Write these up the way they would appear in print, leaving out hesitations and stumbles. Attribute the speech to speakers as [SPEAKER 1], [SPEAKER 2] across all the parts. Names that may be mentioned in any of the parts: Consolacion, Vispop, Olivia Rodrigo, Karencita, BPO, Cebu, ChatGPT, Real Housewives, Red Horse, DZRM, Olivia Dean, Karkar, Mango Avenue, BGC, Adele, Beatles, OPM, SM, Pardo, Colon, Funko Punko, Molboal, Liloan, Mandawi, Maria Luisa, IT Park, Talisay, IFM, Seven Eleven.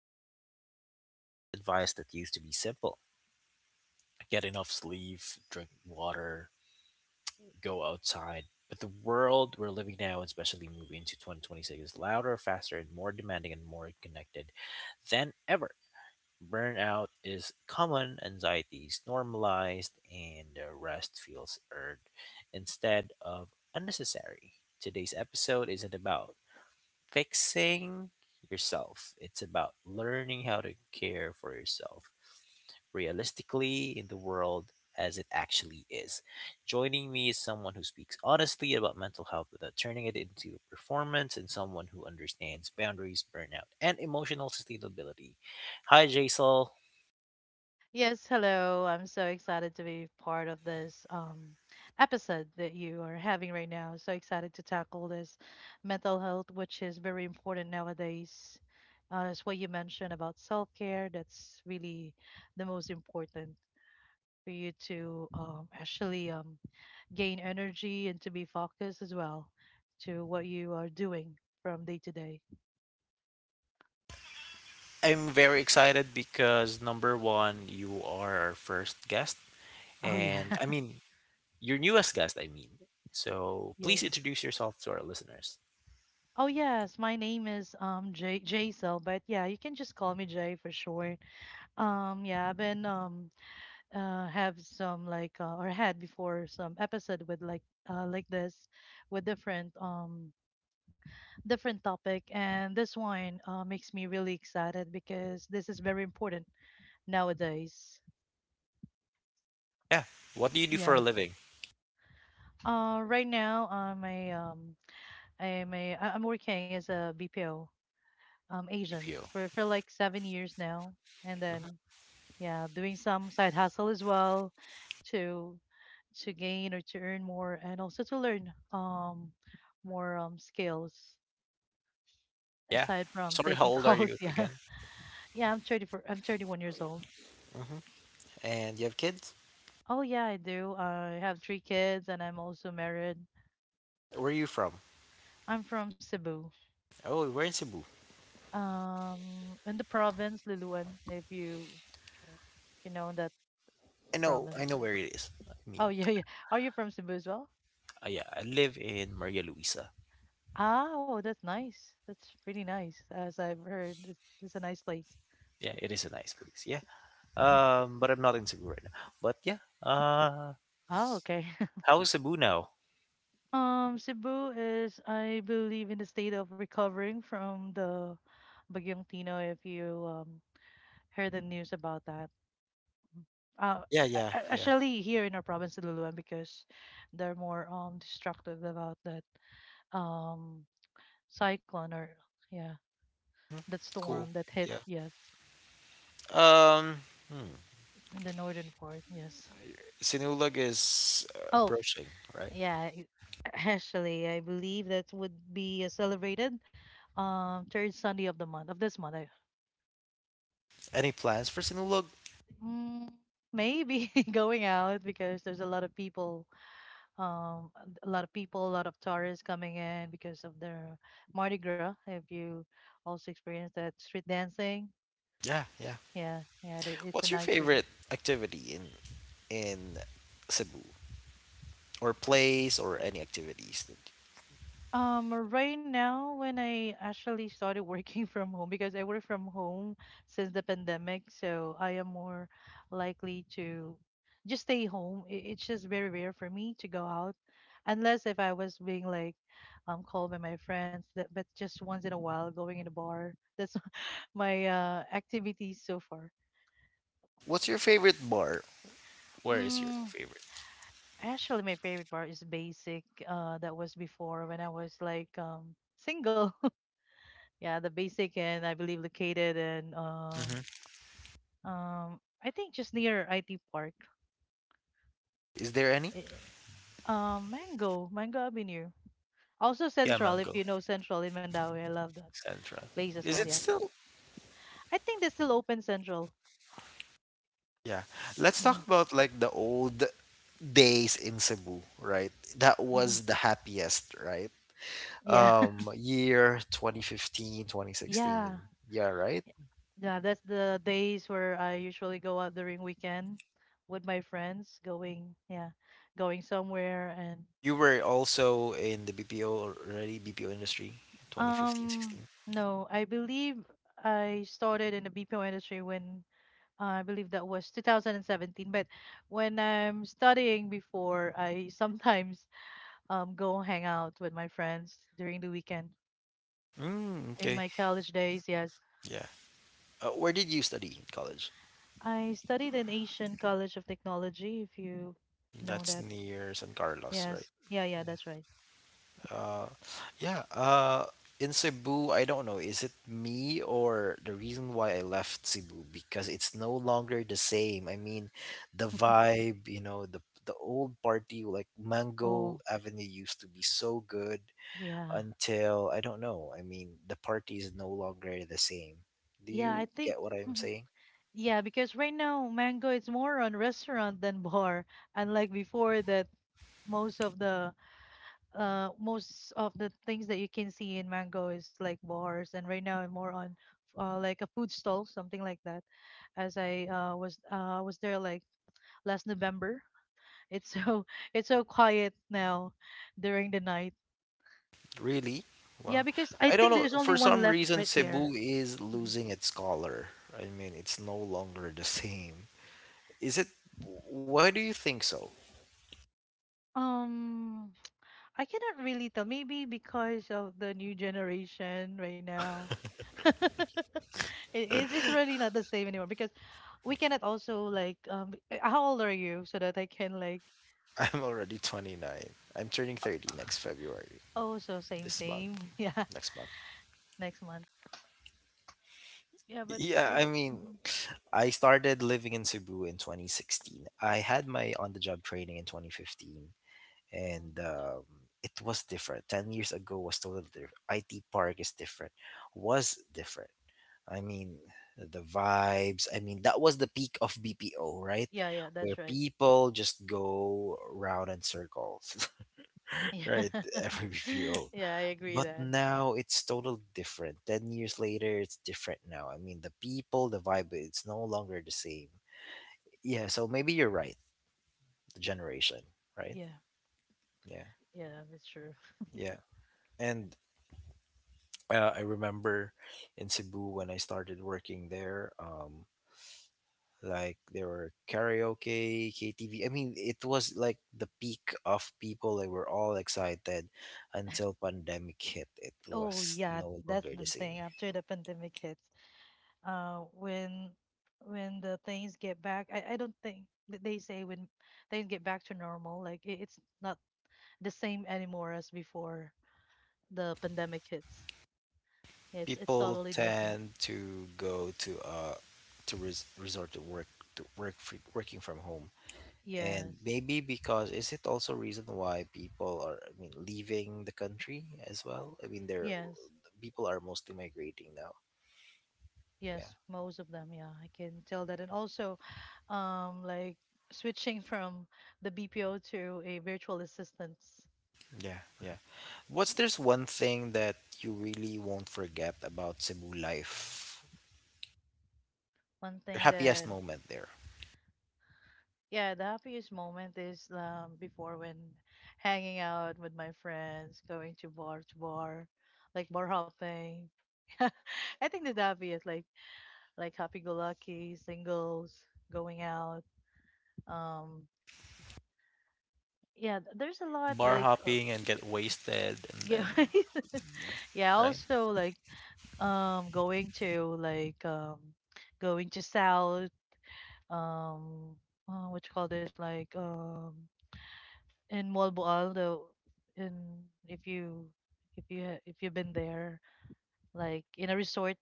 [SPEAKER 1] to be talking about mental health advice that used to be simple: get enough sleep, drink water, go outside. But the world we're living now, especially moving into 2026, is louder, faster, and more demanding and more connected than ever. Burnout is common, anxiety is normalized, and rest feels earned instead of unnecessary. Today's episode isn't about fixing yourself. It's about learning how to care for yourself realistically in the world as it actually is. Joining me is someone who speaks honestly about mental health without turning it into a performance and someone who understands boundaries, burnout, and emotional sustainability. Hi, Jaisal.
[SPEAKER 2] Yes, hello. I'm so excited to be part of this episode that you are having right now. So excited to tackle this mental health, which is very important nowadays. It's what you mentioned about self care. That's really the most important for you to actually gain energy and to be focused as well to what you are doing from day to day.
[SPEAKER 1] I'm very excited because number one, you are our first guest,
[SPEAKER 2] Oh,
[SPEAKER 1] and
[SPEAKER 2] yeah.
[SPEAKER 1] I mean, your newest guest, I mean. So please
[SPEAKER 2] Yes.
[SPEAKER 1] introduce yourself to our listeners.
[SPEAKER 2] Oh yes, my name is J Jaisal, but yeah, you can just call me Jay for short. Yeah, I've been have some like or had before some episode with like this with different topic, and this one makes me really excited because this is very important nowadays.
[SPEAKER 1] Yeah. What do you do for
[SPEAKER 2] Yeah.
[SPEAKER 1] a living?
[SPEAKER 2] Right now I'm a I'm working as a BPO agent
[SPEAKER 1] BPO.
[SPEAKER 2] for like 7 years now, and
[SPEAKER 1] Mhm.
[SPEAKER 2] then yeah, doing some side hustle as well to gain or to earn more, and also to learn more skills
[SPEAKER 1] Yeah.
[SPEAKER 2] aside from
[SPEAKER 1] Sorry,
[SPEAKER 2] taking
[SPEAKER 1] how old are
[SPEAKER 2] calls,
[SPEAKER 1] you
[SPEAKER 2] yeah.
[SPEAKER 1] again?
[SPEAKER 2] Yeah, I'm 31 years old.
[SPEAKER 1] Hmm. And you have kids?
[SPEAKER 2] Oh yeah, I do. I have three kids and I'm also married.
[SPEAKER 1] Where are you from?
[SPEAKER 2] I'm from Cebu,
[SPEAKER 1] Oh, we're in Cebu.
[SPEAKER 2] in the province Luluan, if you know that
[SPEAKER 1] I know. I
[SPEAKER 2] province.
[SPEAKER 1] know where it is. I
[SPEAKER 2] Oh
[SPEAKER 1] mean,
[SPEAKER 2] yeah, yeah. Are you from Cebu as well?
[SPEAKER 1] yeah, I live in Maria Luisa.
[SPEAKER 2] Oh, that's nice. That's really nice. As I've heard, it's a nice place.
[SPEAKER 1] Yeah, it is a nice place. Yeah.
[SPEAKER 2] Mhm.
[SPEAKER 1] But I'm not in Cebu right now. But yeah.
[SPEAKER 2] Oh, okay.
[SPEAKER 1] How is Cebu now?
[SPEAKER 2] Cebu is, I believe, in the state of recovering from the Bagyong Tino, if you heard the news about that. Uh,
[SPEAKER 1] Yeah, yeah, yeah.
[SPEAKER 2] Actually, here in our province, Luluan, because they're more distracted about that um cyclone, or, yeah,
[SPEAKER 1] Mhm.
[SPEAKER 2] that storm
[SPEAKER 1] Cool.
[SPEAKER 2] that hit,
[SPEAKER 1] Yeah.
[SPEAKER 2] yes,
[SPEAKER 1] Hmm.
[SPEAKER 2] in the northern part, yes.
[SPEAKER 1] Sinulog is
[SPEAKER 2] Oh,
[SPEAKER 1] approaching, right?
[SPEAKER 2] yeah. Actually, I believe that would be celebrated third Sunday of the month, of this month, I,
[SPEAKER 1] Any plans for Sinulog?
[SPEAKER 2] Mm, maybe going out because there's a lot of people, um, a lot of people, a lot of tourists coming in because of their Mardi Gras. If you also experience that street dancing,
[SPEAKER 1] Yeah, yeah.
[SPEAKER 2] yeah, yeah, it's a
[SPEAKER 1] What's your
[SPEAKER 2] nice thing.
[SPEAKER 1] favorite activity in Cebu or place or any activities? That.
[SPEAKER 2] Right now, when I actually started working from home, because I work from home since the pandemic, so I am more likely to just stay home. It's just very rare for me to go out, unless if I was being like called by my friends, that, but just once in a while going in a bar. That's my activities so far.
[SPEAKER 1] What's your favorite bar? Where is your
[SPEAKER 2] Mm,
[SPEAKER 1] favorite?
[SPEAKER 2] actually, my favorite bar is Basic. That was before when I was like single. Yeah, the basic, and I believe located in
[SPEAKER 1] Hmm.
[SPEAKER 2] I think just near IT Park.
[SPEAKER 1] Is there any?
[SPEAKER 2] Eh, Mango, Mango Avenue. Also
[SPEAKER 1] Yeah,
[SPEAKER 2] Central,
[SPEAKER 1] mango
[SPEAKER 2] if you know Central in Mandawi, I love that
[SPEAKER 1] central.
[SPEAKER 2] place as
[SPEAKER 1] Is
[SPEAKER 2] well.
[SPEAKER 1] it
[SPEAKER 2] Yes,
[SPEAKER 1] still?
[SPEAKER 2] I think they still open Central.
[SPEAKER 1] Yeah. Let's talk
[SPEAKER 2] Hmm.
[SPEAKER 1] about like the old days in Cebu, right? That
[SPEAKER 2] Hmm.
[SPEAKER 1] was the happiest, right?
[SPEAKER 2] Yeah,
[SPEAKER 1] Year 2015, 2016.
[SPEAKER 2] yeah,
[SPEAKER 1] Yeah, right?
[SPEAKER 2] yeah. That's the days where I usually go out during weekend with my friends, going, yeah, going somewhere, and
[SPEAKER 1] You were also in the BPO already, BPO industry, 2015,
[SPEAKER 2] Um,
[SPEAKER 1] sixteen.
[SPEAKER 2] no, I believe I started in the BPO industry when I believe that was 2017. But when I'm studying before, I sometimes go hang out with my friends during the weekend.
[SPEAKER 1] 16. Mm,
[SPEAKER 2] In my
[SPEAKER 1] okay.
[SPEAKER 2] college days, yes,
[SPEAKER 1] Yeah. Where did you study in college?
[SPEAKER 2] I studied in Asian College of Technology. If you know
[SPEAKER 1] That's
[SPEAKER 2] that,
[SPEAKER 1] near San Carlos, right?
[SPEAKER 2] yes, yeah, yeah, that's right.
[SPEAKER 1] Uh, yeah. In Cebu, I don't know. Is it me or the reason why I left Cebu? Because it's no longer the same. I mean, the vibe, you know, the old party like Mango
[SPEAKER 2] Oh,
[SPEAKER 1] Avenue used to be so good
[SPEAKER 2] yeah,
[SPEAKER 1] until I don't know. I mean, the party is no longer the same. Do
[SPEAKER 2] yeah,
[SPEAKER 1] you
[SPEAKER 2] I think.
[SPEAKER 1] get what I'm
[SPEAKER 2] Mhm.
[SPEAKER 1] saying?
[SPEAKER 2] Yeah, because right now Mango is more on restaurant than bar, unlike before that most of the most of the things that you can see in Mango is like bars, and right now I'm more on like a food stall, something like that. As I was there like last November. It's so it's so quiet now during the night.
[SPEAKER 1] Really? Wow.
[SPEAKER 2] Yeah, because I
[SPEAKER 1] I don't
[SPEAKER 2] think there's
[SPEAKER 1] know.
[SPEAKER 2] only
[SPEAKER 1] For
[SPEAKER 2] one
[SPEAKER 1] some
[SPEAKER 2] left
[SPEAKER 1] reason,
[SPEAKER 2] right there.
[SPEAKER 1] Cebu is
[SPEAKER 2] Mhm.
[SPEAKER 1] losing its color. I mean, it's no longer the same. Is it? Why do you think so?
[SPEAKER 2] Um, I cannot really tell. Maybe because of the new generation right now. It is, it's really not the same anymore, because we cannot also like how old are you so that I can like
[SPEAKER 1] I'm already 29. I'm turning 30 next February,
[SPEAKER 2] oh so same
[SPEAKER 1] this month,
[SPEAKER 2] same yeah
[SPEAKER 1] next month.
[SPEAKER 2] next month yeah but
[SPEAKER 1] Yeah, I
[SPEAKER 2] I
[SPEAKER 1] mean,
[SPEAKER 2] Mhm.
[SPEAKER 1] I started living in Cebu in 2016. I had my on-the-job training in 2015,
[SPEAKER 2] Mm.
[SPEAKER 1] and it was different. 10 years ago was totally different. IT Park is different, was different. I mean, the vibes. I mean, that was the peak of BPO, right?
[SPEAKER 2] Yeah, yeah,
[SPEAKER 1] Where
[SPEAKER 2] that's right.
[SPEAKER 1] people just go round in circles,
[SPEAKER 2] Yeah,
[SPEAKER 1] right? Every BPO.
[SPEAKER 2] yeah, I agree
[SPEAKER 1] But
[SPEAKER 2] that.
[SPEAKER 1] now it's totally different. 10 years later, it's different now. I mean, the people, the vibe, it's no longer the same. Yeah, so maybe you're right. The generation, right?
[SPEAKER 2] Yeah,
[SPEAKER 1] Yeah,
[SPEAKER 2] yeah, that's true.
[SPEAKER 1] yeah. And I remember in Cebu when I started working there, like there were karaoke KTV. I mean, it was like the peak of people. They were all excited until pandemic hit. It
[SPEAKER 2] Oh
[SPEAKER 1] was
[SPEAKER 2] yeah,
[SPEAKER 1] no
[SPEAKER 2] that's
[SPEAKER 1] longer
[SPEAKER 2] the
[SPEAKER 1] the
[SPEAKER 2] thing,
[SPEAKER 1] same.
[SPEAKER 2] after the pandemic hits, uh when when the things get back, I don't think that they say, when things get back to normal, like it's not the same anymore as before the pandemic hits. It's
[SPEAKER 1] People
[SPEAKER 2] totally different.
[SPEAKER 1] tend to go to resort to work, to work free, working from home.
[SPEAKER 2] Yes.
[SPEAKER 1] And maybe because is it also reason why people are, I mean, leaving the country as well, I mean, there,
[SPEAKER 2] Yes.
[SPEAKER 1] people are mostly migrating now. Yeah,
[SPEAKER 2] Yes, most of them, yeah, I can tell that. And also like switching from the BPO to a virtual assistance.
[SPEAKER 1] yeah, yeah. What's there's one thing that you really won't forget about Cebu life?
[SPEAKER 2] One
[SPEAKER 1] Your
[SPEAKER 2] thing
[SPEAKER 1] happiest
[SPEAKER 2] that
[SPEAKER 1] moment there.
[SPEAKER 2] yeah, the happiest moment is before when hanging out with my friends, going to bar, like bar hopping. I think that's the happiest, like happy-go-lucky, singles, going out. Um, yeah, there's a lot
[SPEAKER 1] Bar
[SPEAKER 2] like
[SPEAKER 1] hopping and get wasted and then,
[SPEAKER 2] yeah, yeah.
[SPEAKER 1] right?
[SPEAKER 2] Also like um going to like um going to South um what you call this, like in Molboal, though, in if you if you've been there, like in a resort,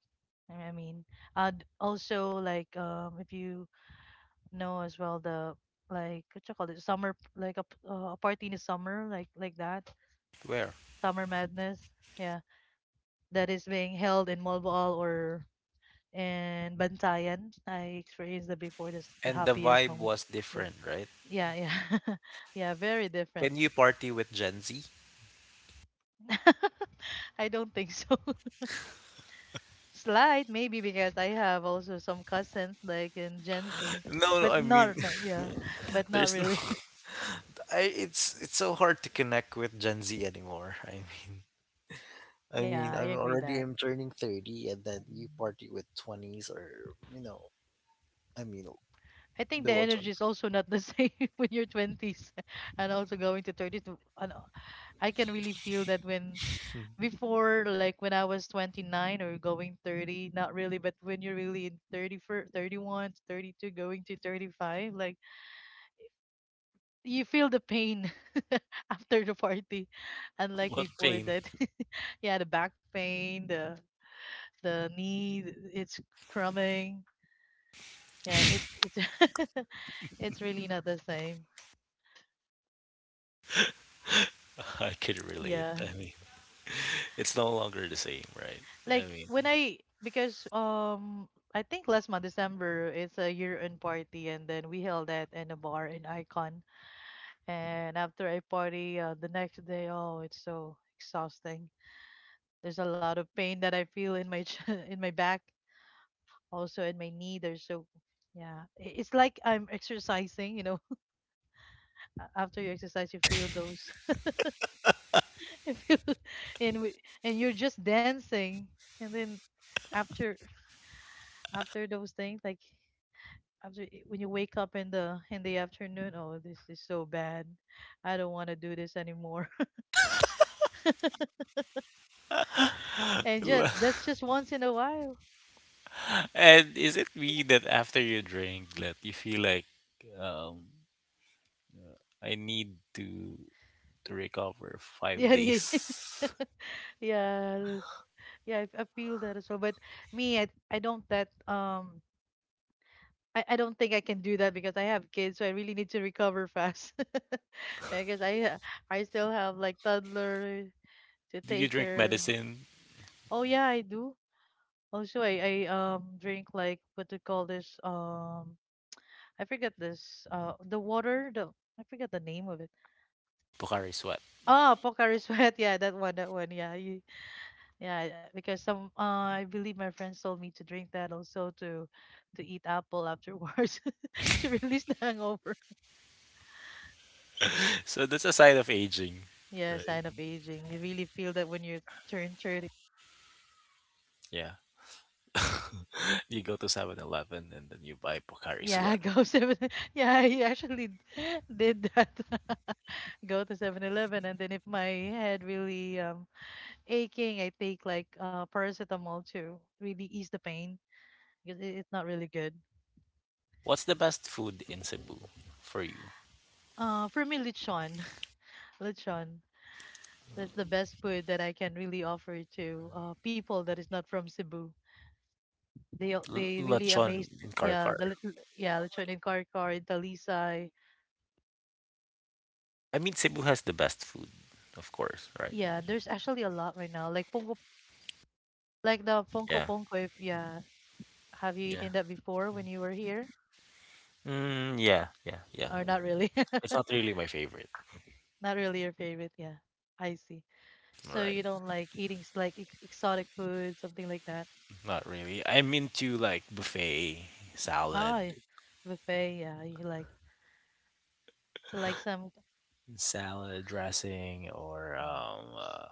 [SPEAKER 2] I mean. And also like if you know as well the like what you call it, summer, like a, a party in the summer, like that,
[SPEAKER 1] Where?
[SPEAKER 2] summer madness, yeah, that is being held in Molboal or in Bantayan, I experienced that before. That's the
[SPEAKER 1] And the
[SPEAKER 2] happiest
[SPEAKER 1] vibe
[SPEAKER 2] moment.
[SPEAKER 1] was
[SPEAKER 2] the,
[SPEAKER 1] different, right?
[SPEAKER 2] yeah, yeah, yeah, very different.
[SPEAKER 1] Can you party with Gen Z?
[SPEAKER 2] I don't think so. Slight, maybe, because I have also some cousins like in Gen Z,
[SPEAKER 1] No, no,
[SPEAKER 2] but
[SPEAKER 1] I mean,
[SPEAKER 2] not, no, yeah, but not
[SPEAKER 1] there's no,
[SPEAKER 2] really.
[SPEAKER 1] I it's so hard to connect with Gen Z anymore.
[SPEAKER 2] Yeah, I agree that.
[SPEAKER 1] I'm turning 30 and then you party with 20s or, you know, I mean,
[SPEAKER 2] I think the
[SPEAKER 1] below
[SPEAKER 2] energy is also not the same when you're 20s and also going to 30s. And I can really feel that, when
[SPEAKER 1] 20.
[SPEAKER 2] before, like when I was 29 or going 30, not really, but when you're really in 30, 31 to 32, going to 35, like you feel the pain after the party, unlike
[SPEAKER 1] What
[SPEAKER 2] before
[SPEAKER 1] pain?
[SPEAKER 2] that. Yeah, the back pain, the knee, it's crumbling. Yeah, it's it's really not the same.
[SPEAKER 1] I could relate.
[SPEAKER 2] Yeah.
[SPEAKER 1] I mean, it's no longer the same, right? I
[SPEAKER 2] Like
[SPEAKER 1] mean,
[SPEAKER 2] when I, because I think last month December it's a year end party, and then we held that in a bar in Icon. And after I party, the next day, oh, it's so exhausting. There's a lot of pain that I feel in my in my back, also in my knee. There's so yeah, it's like I'm exercising, you know, after you exercise you feel those you feel and we, and you're just dancing, and then after those things, like after when you wake up in the afternoon, oh, this is so bad, I don't want to do this anymore. And just
[SPEAKER 1] la-
[SPEAKER 2] that's just once in a while.
[SPEAKER 1] and is it me that after you drink that you feel like, um, I need to recover five
[SPEAKER 2] Yeah, yeah, yeah.
[SPEAKER 1] days?
[SPEAKER 2] Yeah, yeah, I feel that as well, but me, I don't that I don't think I can do that because I have kids, so I really need to recover fast. Because I still have like toddler to
[SPEAKER 1] Do you
[SPEAKER 2] take
[SPEAKER 1] drink
[SPEAKER 2] care.
[SPEAKER 1] medicine?
[SPEAKER 2] Oh yeah, I do. Also, I drink like, what do you call this? I forget this. The water. The I forget the name of it.
[SPEAKER 1] Bukhari sweat.
[SPEAKER 2] Ah, Pocari Sweat. Yeah, that one. That one. Yeah, yeah. Because some I believe my friends told me to drink that also, to eat apple afterwards to release the hangover.
[SPEAKER 1] So that's a sign of aging,
[SPEAKER 2] Yeah,
[SPEAKER 1] right?
[SPEAKER 2] sign of aging. You really feel that when you turn 30.
[SPEAKER 1] Yeah. You go to 7-Eleven and then you buy Bukhari
[SPEAKER 2] Yeah,
[SPEAKER 1] sweat.
[SPEAKER 2] go seven. Yeah, I actually did that. Go to 7-Eleven, and then if my head really aching, I take like paracetamol to really ease the pain, because it's not really good.
[SPEAKER 1] What's the best food in Cebu for you?
[SPEAKER 2] For me, lechon, lechon. That's the best food that I can really offer to people that is not from Cebu. They really amazed.
[SPEAKER 1] Lechon in
[SPEAKER 2] Yeah,
[SPEAKER 1] Karkar.
[SPEAKER 2] the lechon in Karkar, in Talisay.
[SPEAKER 1] I mean, Cebu has the best food, of course, right?
[SPEAKER 2] Yeah, there's actually a lot right now. Like Funko, like the Funko
[SPEAKER 1] Yeah,
[SPEAKER 2] Punko. If yeah, have you
[SPEAKER 1] yeah.
[SPEAKER 2] eaten that before when you were here?
[SPEAKER 1] Mm, yeah, yeah, yeah.
[SPEAKER 2] Or not really?
[SPEAKER 1] It's not really my favorite.
[SPEAKER 2] Not really your favorite. Yeah, I see. So
[SPEAKER 1] Right.
[SPEAKER 2] you don't like eating like ex exotic food, something like that.
[SPEAKER 1] Not really. I'm into like buffet salad,
[SPEAKER 2] Ah, y- Buffet. Yeah, you like some.
[SPEAKER 1] salad dressing, or
[SPEAKER 2] Mm,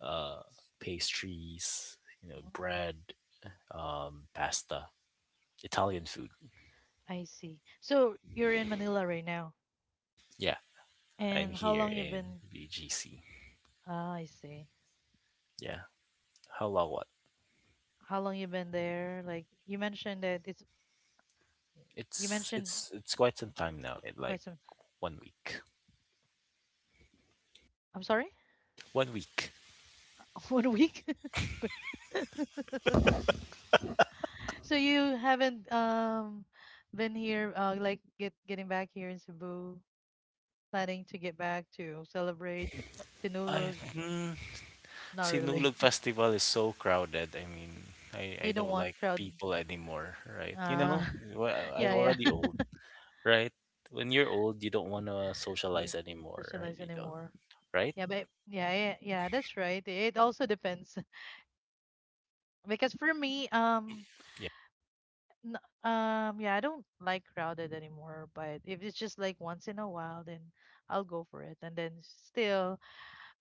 [SPEAKER 1] uh, pastries. You know,
[SPEAKER 2] mm,
[SPEAKER 1] bread, pasta, Italian food.
[SPEAKER 2] I see. So you're in Manila right now,
[SPEAKER 1] Yeah, I'm
[SPEAKER 2] and how
[SPEAKER 1] here
[SPEAKER 2] long you
[SPEAKER 1] in
[SPEAKER 2] been?
[SPEAKER 1] BGC.
[SPEAKER 2] Ah, I see.
[SPEAKER 1] Yeah. How long? What?
[SPEAKER 2] How long you been there? Like you mentioned that it's you
[SPEAKER 1] It's
[SPEAKER 2] mentioned
[SPEAKER 1] it's it's quite some time now. It like
[SPEAKER 2] quite some.
[SPEAKER 1] one week.
[SPEAKER 2] I'm sorry.
[SPEAKER 1] One week.
[SPEAKER 2] 1 week. So you haven't been here like getting back here in Cebu, planning to get back to celebrate
[SPEAKER 1] I
[SPEAKER 2] Sinulog?
[SPEAKER 1] mm,
[SPEAKER 2] Not really.
[SPEAKER 1] Sinulog Festival is so crowded. I mean,
[SPEAKER 2] You
[SPEAKER 1] I
[SPEAKER 2] don't
[SPEAKER 1] don't
[SPEAKER 2] want
[SPEAKER 1] like
[SPEAKER 2] crowd.
[SPEAKER 1] people anymore, right? You
[SPEAKER 2] Uh
[SPEAKER 1] know, I'm
[SPEAKER 2] yeah, yeah.
[SPEAKER 1] already old, right? When you're old, you don't want to
[SPEAKER 2] Yeah.
[SPEAKER 1] socialize anymore, right?
[SPEAKER 2] Socialize
[SPEAKER 1] You don't,
[SPEAKER 2] anymore.
[SPEAKER 1] right?
[SPEAKER 2] Yeah, but yeah, yeah, yeah, that's right. It also depends because for me,
[SPEAKER 1] Yeah.
[SPEAKER 2] yeah, I don't like crowded anymore. But if it's just like once in a while, then I'll go for it. And then still,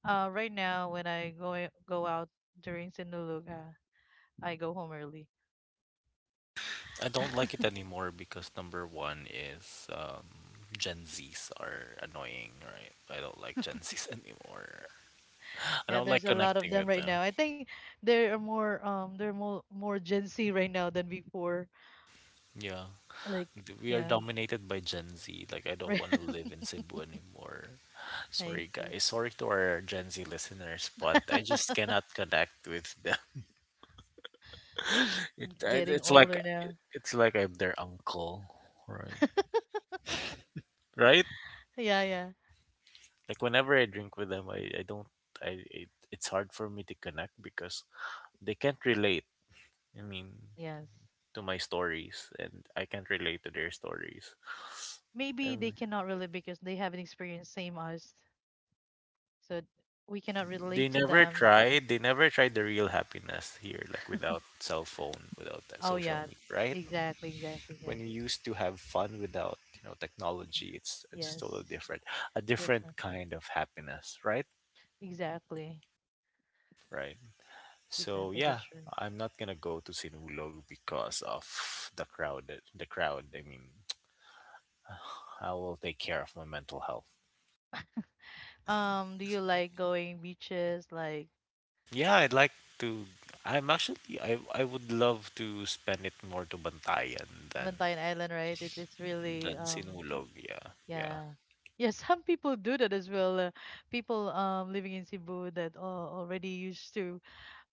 [SPEAKER 2] Right now, when I go out during Sinulog, I go home early.
[SPEAKER 1] I don't like it anymore because number one is Gen Zs are annoying, right? I don't like Gen Zs anymore. I
[SPEAKER 2] Yeah,
[SPEAKER 1] don't
[SPEAKER 2] there's
[SPEAKER 1] like
[SPEAKER 2] a lot of
[SPEAKER 1] connecting
[SPEAKER 2] them
[SPEAKER 1] with
[SPEAKER 2] right
[SPEAKER 1] them.
[SPEAKER 2] now. I think there are more more Gen Z right now than before.
[SPEAKER 1] Yeah.
[SPEAKER 2] Like,
[SPEAKER 1] We are
[SPEAKER 2] yeah,
[SPEAKER 1] dominated by Gen Z. Like, I don't
[SPEAKER 2] right.
[SPEAKER 1] want to live in Cebu anymore.
[SPEAKER 2] I
[SPEAKER 1] Sorry,
[SPEAKER 2] see.
[SPEAKER 1] guys. Sorry to our Gen Z listeners, but I just cannot connect with them. It, I-
[SPEAKER 2] Getting
[SPEAKER 1] it's like
[SPEAKER 2] older now.
[SPEAKER 1] it's like I'm their uncle, right? Right?
[SPEAKER 2] Yeah, yeah,
[SPEAKER 1] Like whenever I drink with them, I don't it's hard for me to connect because they can't relate. I mean,
[SPEAKER 2] yes.
[SPEAKER 1] to my stories, and I can't relate to their stories.
[SPEAKER 2] Maybe they
[SPEAKER 1] And
[SPEAKER 2] cannot relate because they haven't experienced same us, so we cannot
[SPEAKER 1] they
[SPEAKER 2] relate to
[SPEAKER 1] never
[SPEAKER 2] them.
[SPEAKER 1] tried. They never tried the real happiness here, like without cell phone, without that
[SPEAKER 2] Oh
[SPEAKER 1] social
[SPEAKER 2] yeah,
[SPEAKER 1] media, right?
[SPEAKER 2] exactly, exactly.
[SPEAKER 1] When
[SPEAKER 2] Yes,
[SPEAKER 1] you used to have fun without, you know, technology, it's totally
[SPEAKER 2] yes,
[SPEAKER 1] different, a different
[SPEAKER 2] different.
[SPEAKER 1] kind of happiness, right?
[SPEAKER 2] Exactly,
[SPEAKER 1] Right? So
[SPEAKER 2] exactly. That's
[SPEAKER 1] yeah.
[SPEAKER 2] true.
[SPEAKER 1] I'm not gonna go to Sinulog because of the crowd, I mean, I will take care of my mental health.
[SPEAKER 2] Do you like going beaches like
[SPEAKER 1] Yeah, I'd like to. I would love to spend it more to Bantayan than
[SPEAKER 2] Bantayan Island, right? It is really
[SPEAKER 1] Sinulog. Yeah, yeah.
[SPEAKER 2] yeah. Yeah, some people do that as well. People living in Cebu that are already used to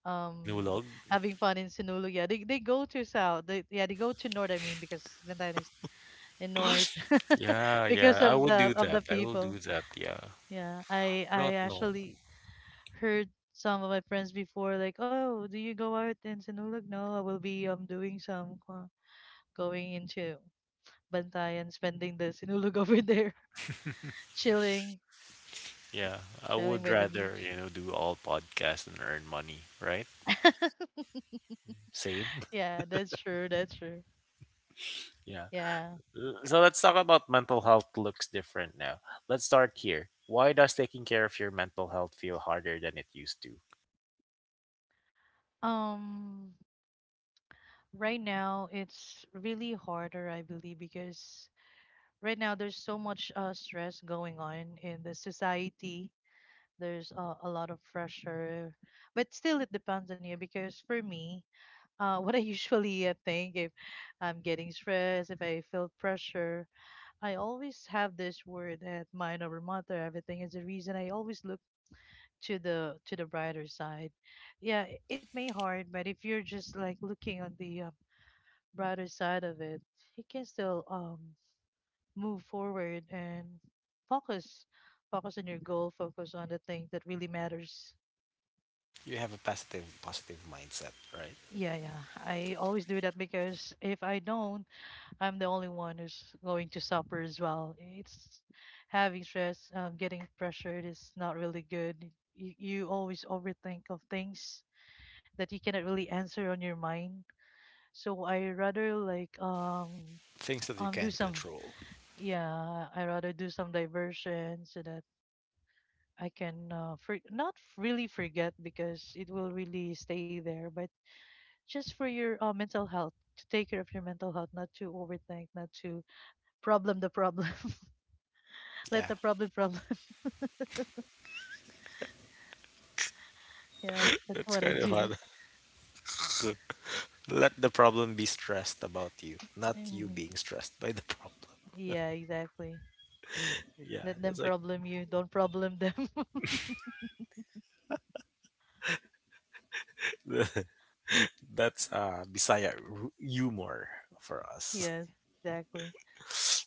[SPEAKER 2] um
[SPEAKER 1] Sinulog.
[SPEAKER 2] having fun in Sinulog. Yeah, they go to south. They, yeah, they go to north, I mean, because Bantayan is in north
[SPEAKER 1] Yeah, yeah.
[SPEAKER 2] because
[SPEAKER 1] I
[SPEAKER 2] of
[SPEAKER 1] would do
[SPEAKER 2] the of the
[SPEAKER 1] that. I will do
[SPEAKER 2] people.
[SPEAKER 1] that. Yeah.
[SPEAKER 2] Yeah, I
[SPEAKER 1] I
[SPEAKER 2] I
[SPEAKER 1] don't know.
[SPEAKER 2] actually heard some of my friends before like, "Oh, do you go out in Sinulog?" No, I will be doing some going into Bantayan, spending the sinulog over there, chilling,
[SPEAKER 1] Yeah, I
[SPEAKER 2] chilling,
[SPEAKER 1] would
[SPEAKER 2] by the
[SPEAKER 1] rather, you
[SPEAKER 2] beach.
[SPEAKER 1] know, do all podcasts and earn money, right? Same.
[SPEAKER 2] Yeah, that's true. That's true.
[SPEAKER 1] Yeah.
[SPEAKER 2] Yeah.
[SPEAKER 1] So let's talk about mental health looks different now. Let's start here. Why does taking care of your mental health feel harder than it used to?
[SPEAKER 2] Um, right now it's really harder, I believe, because right now there's so much stress going on in the society. There's a lot of pressure, but still it depends on you because for me, what I usually think if I'm getting stressed, if I feel pressure, I always have this word that mind over matter. Everything is the reason I always look to the brighter side. Yeah, it may hard, but if you're just like looking on the brighter side of it, you can still move forward and focus focus on your goal, focus on the thing that really matters.
[SPEAKER 1] You have a positive mindset, right?
[SPEAKER 2] Yeah, yeah. I always do that because if I don't, I'm the only one who's going to suffer as well. It's having stress, getting pressured is not really good. You always overthink of things that you cannot really answer on your mind. So I rather
[SPEAKER 1] Things that you
[SPEAKER 2] um do
[SPEAKER 1] can't
[SPEAKER 2] some
[SPEAKER 1] control.
[SPEAKER 2] do some diversion so that I can for, not really forget because it will really stay there, but just for your mental health to take care of your mental health, not to overthink, not to problem the problem. Let
[SPEAKER 1] Yeah.
[SPEAKER 2] the problem problem. Yeah, that's
[SPEAKER 1] That's
[SPEAKER 2] what I
[SPEAKER 1] kind of how
[SPEAKER 2] do.
[SPEAKER 1] to let the problem be stressed about you, not you
[SPEAKER 2] Mhm.
[SPEAKER 1] being stressed by the problem.
[SPEAKER 2] Yeah, exactly.
[SPEAKER 1] Yeah,
[SPEAKER 2] Let
[SPEAKER 1] that's
[SPEAKER 2] them
[SPEAKER 1] like
[SPEAKER 2] problem you. Don't problem them.
[SPEAKER 1] that's Bisaya humor for us.
[SPEAKER 2] Yes, exactly.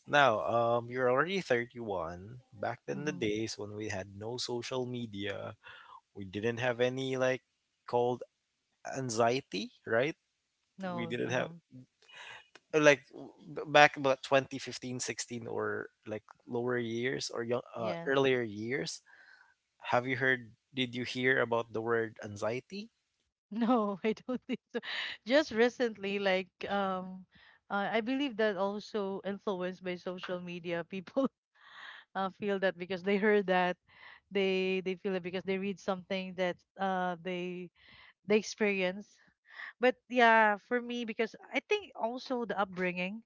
[SPEAKER 1] Now, you're already 31. Back in the
[SPEAKER 2] Hmm.
[SPEAKER 1] days when we had no social media, we didn't have any like called anxiety, right? We
[SPEAKER 2] No,
[SPEAKER 1] didn't
[SPEAKER 2] I
[SPEAKER 1] have
[SPEAKER 2] don't.
[SPEAKER 1] like back about 2015 16 or like lower years or young,
[SPEAKER 2] Yes.
[SPEAKER 1] earlier years. Have you heard? Did you hear about the word anxiety?
[SPEAKER 2] No, I don't think so. Just recently, like, I believe that also influenced by social media, people feel that because they heard that, they feel it because they read something that they experience, but yeah, for me, because I think also the upbringing,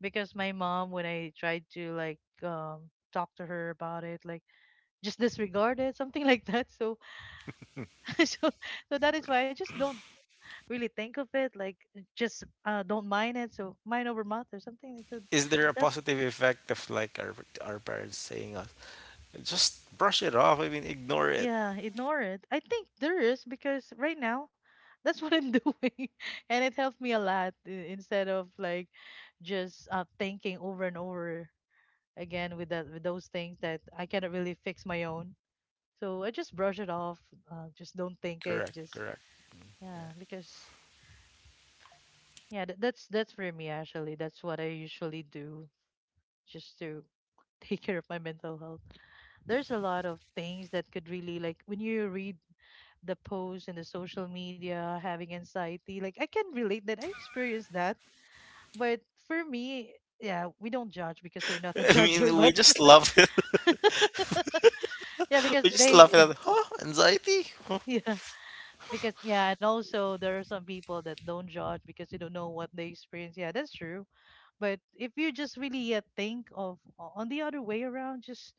[SPEAKER 2] because my mom, when I tried to like talk to her about it, like just disregard it, something like that. So, so that is why I just don't really think of it, like just don't mind it. So mind over math or something, like, so
[SPEAKER 1] Is there a
[SPEAKER 2] that's
[SPEAKER 1] positive effect of like our parents saying us just brush it off? I mean, ignore it.
[SPEAKER 2] yeah, ignore it. I think there is because right now. That's what I'm doing, and it helped me a lot, instead of like just thinking over and over again with those things that I cannot really fix my own. So I just brush it off. Just don't think it.
[SPEAKER 1] Correct,
[SPEAKER 2] Just,
[SPEAKER 1] correct.
[SPEAKER 2] yeah, because yeah, that's for me actually. That's what I usually do just to take care of my mental health. There's a lot of things that could really like when you read the posts in the social media having anxiety. Like I can relate that. I experienced that, but for me. Yeah, we don't judge because we're not a
[SPEAKER 1] I
[SPEAKER 2] judger,
[SPEAKER 1] mean, we
[SPEAKER 2] but
[SPEAKER 1] just love.
[SPEAKER 2] yeah,
[SPEAKER 1] We just laugh at it. Huh? Anxiety? Huh?
[SPEAKER 2] yeah, because and also there are some people that don't judge because they don't know what they experience. Yeah, that's true. But if you just really think of on the other way around, just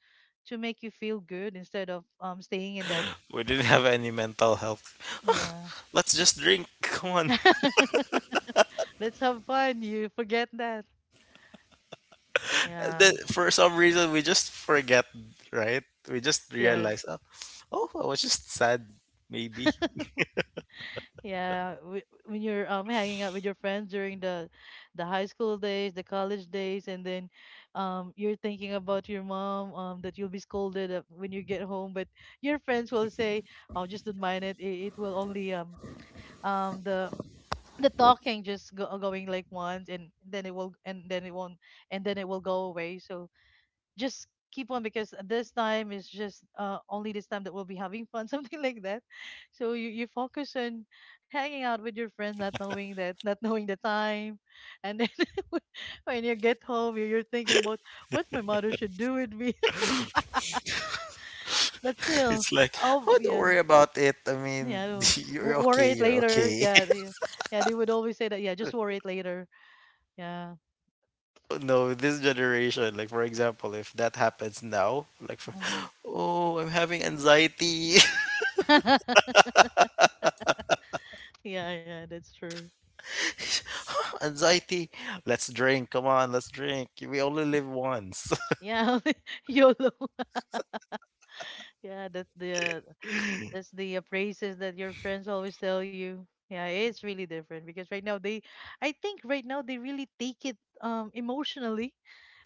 [SPEAKER 2] to make you feel good instead of staying in that.
[SPEAKER 1] We didn't have any mental health. Huh?
[SPEAKER 2] Yeah.
[SPEAKER 1] Let's just drink. Come on.
[SPEAKER 2] Let's have fun, you forget that.
[SPEAKER 1] And
[SPEAKER 2] Yeah,
[SPEAKER 1] then for some reason, we just forget, right? We just
[SPEAKER 2] yes.
[SPEAKER 1] realize, oh, I was just sad, maybe.
[SPEAKER 2] Yeah, when you're hanging out with your friends during the high school days, the college days, and then you're thinking about your mom that you'll be scolded when you get home, but your friends will say, "Oh, just don't mind it. It will only um the the talking just going like once, and then it will and then it won't and then it will go away." So just keep on because this time is just only this time that we'll be having fun, something like that. So you focus on hanging out with your friends, not knowing that, not knowing the time, and then when you get home, you're thinking about what my mother should do with me. But still,
[SPEAKER 1] It's like,
[SPEAKER 2] oh
[SPEAKER 1] oh, don't
[SPEAKER 2] yeah,
[SPEAKER 1] worry about it. I mean,
[SPEAKER 2] yeah, I
[SPEAKER 1] you're okay.
[SPEAKER 2] Worry it
[SPEAKER 1] You're
[SPEAKER 2] later.
[SPEAKER 1] okay.
[SPEAKER 2] Yeah, they, yeah, they would always say that, yeah, just worry it later. Yeah.
[SPEAKER 1] No, this generation, like, for example, if that happens now, like, for,
[SPEAKER 2] Hmm.
[SPEAKER 1] oh, I'm having anxiety.
[SPEAKER 2] Yeah, yeah, that's true.
[SPEAKER 1] Anxiety. Let's drink. Come on, let's drink. We only live once.
[SPEAKER 2] Yeah. YOLO. Yeah, that's the praises that your friends always tell you. Yeah, it's really different because right now I think right now they really take it emotionally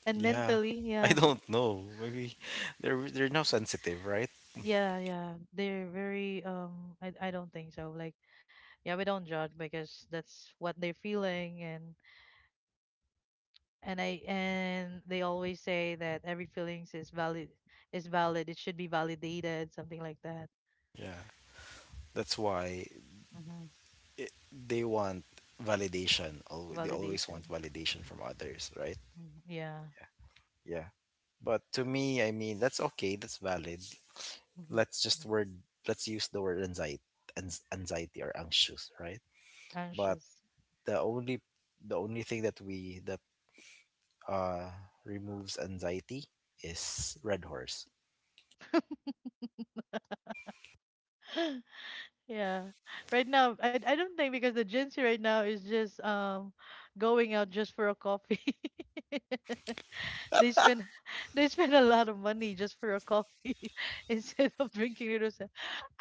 [SPEAKER 2] and
[SPEAKER 1] Yeah.
[SPEAKER 2] mentally.
[SPEAKER 1] I
[SPEAKER 2] Yeah,
[SPEAKER 1] don't know. Maybe they're now sensitive, right?
[SPEAKER 2] yeah, yeah. They're very. I don't think so. Like, yeah, we don't judge because that's what they're feeling, and I, and they always say that every feelings is valid, It should be validated, something like that.
[SPEAKER 1] Yeah. That's why
[SPEAKER 2] Mm-hmm.
[SPEAKER 1] they want validation. Always they always
[SPEAKER 2] Validation.
[SPEAKER 1] want validation from others, right?
[SPEAKER 2] Mhm. Yeah.
[SPEAKER 1] Yeah. But to me, I mean, that's okay. That's valid.
[SPEAKER 2] Hmm.
[SPEAKER 1] Let's just
[SPEAKER 2] Yeah.
[SPEAKER 1] word. Let's use the word anxiety, or anxious, right? But
[SPEAKER 2] Anxious.
[SPEAKER 1] the only the only thing that we that uh, removes anxiety is Red Horse.
[SPEAKER 2] Yeah. Right now, I don't think because the Gen Z right now is just going out just for a coffee. They spend they spend a lot of money just for a coffee, instead of drinking little.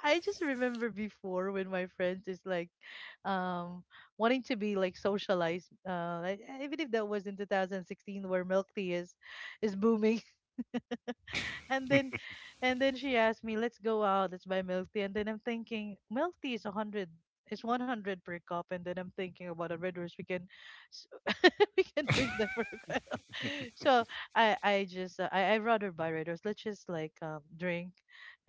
[SPEAKER 2] I just remember before when my friends is like um wanting to be like socialized. I believe that was in 2016 where milk tea is booming, and then and then she asked me, "Let's go out. Let's buy milk tea." And then I'm thinking, milk tea is 100. It's 100 per cup, and then I'm thinking about a Red Horse. We can, s- we can drink that for quite a So I just I rather buy Red Horse. Let's just like drink,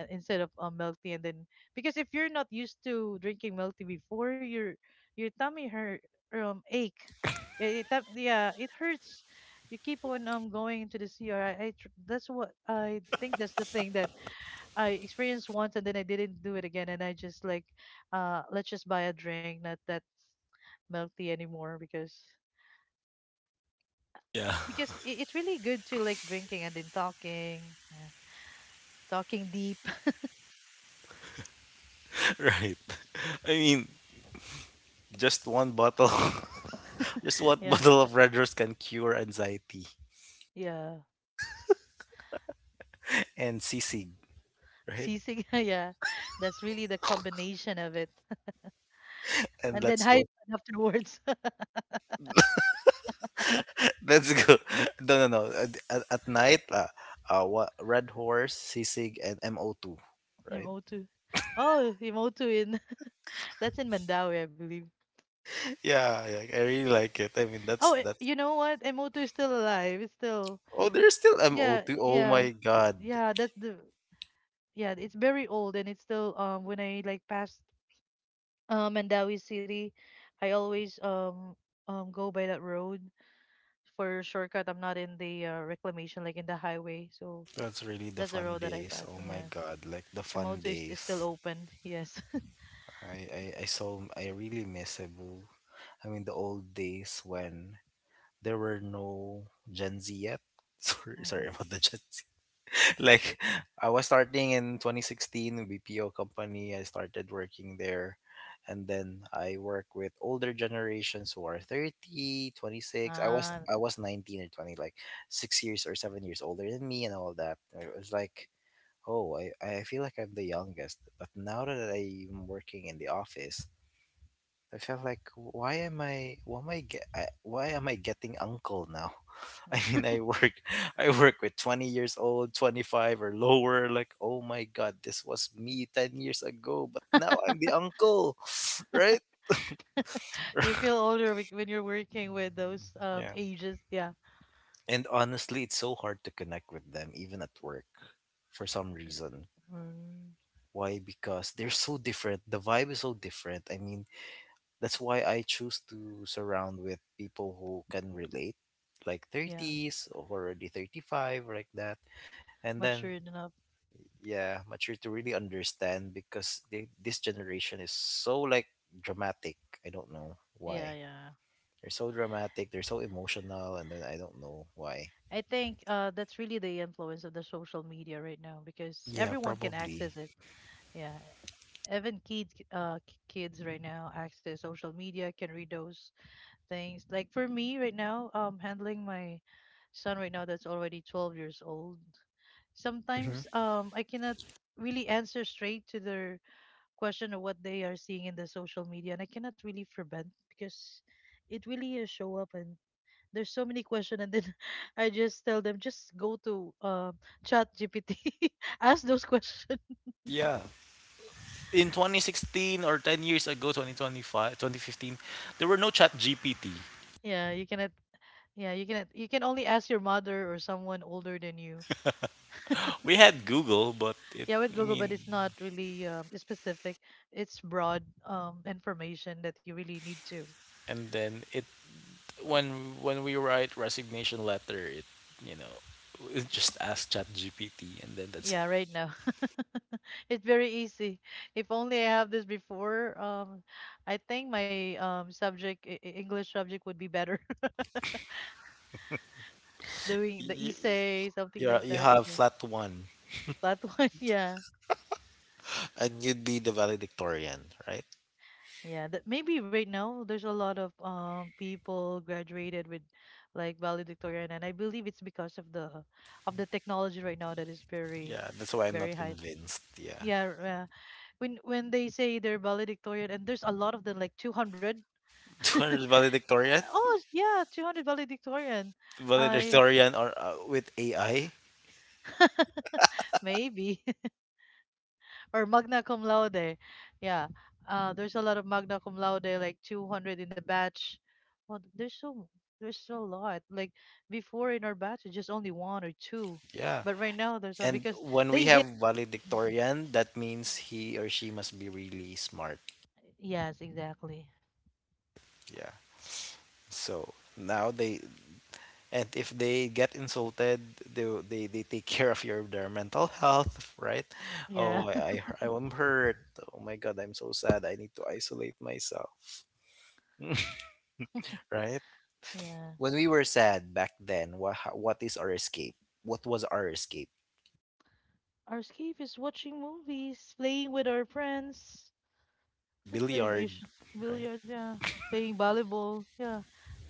[SPEAKER 2] instead of milk tea, and then because if you're not used to drinking milk tea before, your tummy hurt, ache. Yeah, it hurts, you keep on going into the CR. That's what I think, that's the thing that I experienced once, and then I didn't do it again, and I just like, let's just buy a drink, not that milk tea anymore,
[SPEAKER 1] Yeah,
[SPEAKER 2] because it's really good to like drinking and then talking, yeah, talking deep.
[SPEAKER 1] right. I mean, just one bottle, just one
[SPEAKER 2] Yeah,
[SPEAKER 1] bottle of Red Horse can cure anxiety
[SPEAKER 2] yeah.
[SPEAKER 1] and sisig, right?
[SPEAKER 2] Sisig, yeah. That's really the combination of it.
[SPEAKER 1] And
[SPEAKER 2] And then
[SPEAKER 1] let's
[SPEAKER 2] high
[SPEAKER 1] go.
[SPEAKER 2] afterwards.
[SPEAKER 1] Let's go. No, no, no. At night, what Red Horse, sisig, and MO2, right?
[SPEAKER 2] MO2. Oh, MO2 in that's in Mandawi, I believe.
[SPEAKER 1] Yeah, yeah, I really like it. I mean,
[SPEAKER 2] Oh,
[SPEAKER 1] that's
[SPEAKER 2] eh,
[SPEAKER 1] that's.
[SPEAKER 2] you know what? Emoto is still alive. It's still,
[SPEAKER 1] Oh, there's still
[SPEAKER 2] yeah,
[SPEAKER 1] MO2. Oh
[SPEAKER 2] yeah,
[SPEAKER 1] my God.
[SPEAKER 2] yeah. That's the Yeah. It's very old and it's still when I like past Mandawi City, I always go by that road for shortcut. I'm not in the reclamation like in the highway, so
[SPEAKER 1] That's really the
[SPEAKER 2] that's the
[SPEAKER 1] fun
[SPEAKER 2] road that I
[SPEAKER 1] days.
[SPEAKER 2] pass.
[SPEAKER 1] Oh
[SPEAKER 2] And
[SPEAKER 1] my
[SPEAKER 2] yes,
[SPEAKER 1] God, like the fun
[SPEAKER 2] Emoto is still
[SPEAKER 1] days.
[SPEAKER 2] open. Yes.
[SPEAKER 1] I so I really miss Cebu. I mean the old days when there were no Gen Z yet. Sorry, sorry
[SPEAKER 2] Hmm.
[SPEAKER 1] about the Gen Z. Like I was starting in 2016 BPO company. I started working there. And then I work with older generations who are 30, 26. I was
[SPEAKER 2] Ah,
[SPEAKER 1] I was 19 or 20, like 6 years or 7 years older than me and all that. It was like, Oh, I feel like I'm the youngest, but now that I'm working in the office, I feel like why am I get I, why am I getting uncle now? I mean, I work I work with 20 years old, 25 or lower, like, "Oh my god, this was me 10 years ago, but now I'm the uncle." Right?
[SPEAKER 2] you feel older when you're working with
[SPEAKER 1] Mm,
[SPEAKER 2] those
[SPEAKER 1] yeah.
[SPEAKER 2] ages. Yeah.
[SPEAKER 1] And honestly, it's so hard to connect with them even at work for some reason.
[SPEAKER 2] Mm,
[SPEAKER 1] Why? Because they're so different. The vibe is so different. I mean, that's why I choose to surround with people who can relate, like
[SPEAKER 2] yeah.
[SPEAKER 1] 30s or already 35, like that. And then,
[SPEAKER 2] Matured enough.
[SPEAKER 1] yeah, mature to really understand because this generation is so, like, dramatic. I don't know
[SPEAKER 2] Yeah,
[SPEAKER 1] why.
[SPEAKER 2] yeah.
[SPEAKER 1] They're so dramatic, they're so emotional, and then I don't know why.
[SPEAKER 2] I think that's really the influence of the social media right now because
[SPEAKER 1] Yeah,
[SPEAKER 2] everyone can
[SPEAKER 1] probably.
[SPEAKER 2] access it. Yeah. Even kids, kids right now access social media, can read those things. Like for me right now, handling my son right now that's already 12 years old. Sometimes
[SPEAKER 1] Hmm.
[SPEAKER 2] I cannot really answer straight to their question of what they are seeing in the social media, and I cannot really prevent because it really show up, and there's so many questions, and then I just tell them just go to, chat GPT, ask those questions.
[SPEAKER 1] Yeah. In 2016 or 10 years ago, 2025, 2015, there were no chat GPT.
[SPEAKER 2] Yeah, you cannot, you can only ask your mother or someone older than you.
[SPEAKER 1] We had Google, but it,
[SPEAKER 2] Yeah, with
[SPEAKER 1] I
[SPEAKER 2] Google,
[SPEAKER 1] mean,
[SPEAKER 2] but it's not really specific, it's broad, information that you really need to.
[SPEAKER 1] and then it, when we write resignation letter, it, you know just ask chat gpt and then that's it.
[SPEAKER 2] Yeah, right now. It's very easy. If only I have this before, I think my subject, English subject would be better, doing the
[SPEAKER 1] You,
[SPEAKER 2] essay, something
[SPEAKER 1] you
[SPEAKER 2] like
[SPEAKER 1] you
[SPEAKER 2] that.
[SPEAKER 1] have flat one,
[SPEAKER 2] Flat one, yeah.
[SPEAKER 1] and you'd be the valedictorian, right?
[SPEAKER 2] Yeah, that maybe right now there's a lot of people graduated with like valedictorian, and I believe it's because of the technology right now that is very
[SPEAKER 1] Yeah, that's why I'm
[SPEAKER 2] very
[SPEAKER 1] not
[SPEAKER 2] high tech.
[SPEAKER 1] convinced. Yeah.
[SPEAKER 2] Yeah, yeah. When they say they're valedictorian and there's a lot of them, like 200.
[SPEAKER 1] 200
[SPEAKER 2] Yeah.
[SPEAKER 1] valedictorian,
[SPEAKER 2] Oh, yeah, 200 valedictorian. I
[SPEAKER 1] or with AI.
[SPEAKER 2] maybe. Or magna cum laude. Yeah. There's a lot of magna cum laude, like 200 in the batch. Well, there's so a lot. Like before in our batch, it's just only one or two,
[SPEAKER 1] Yeah,
[SPEAKER 2] but right now there's a
[SPEAKER 1] and
[SPEAKER 2] because
[SPEAKER 1] when we
[SPEAKER 2] they hit.
[SPEAKER 1] have valedictorian, that means he or she must be really smart.
[SPEAKER 2] Yes, exactly.
[SPEAKER 1] Yeah. So now they, and if they get insulted, they take care of your, their mental health, right?
[SPEAKER 2] Yeah,
[SPEAKER 1] Oh, I'm hurt. Oh my god, I'm so sad, I need to isolate myself. Right.
[SPEAKER 2] yeah.
[SPEAKER 1] When we were sad back then, what is our escape? What was our escape?
[SPEAKER 2] Our escape is watching movies, playing with our friends. That's the
[SPEAKER 1] Billiard,
[SPEAKER 2] usual.
[SPEAKER 1] right?
[SPEAKER 2] Billiard. Yeah, playing volleyball. Yeah,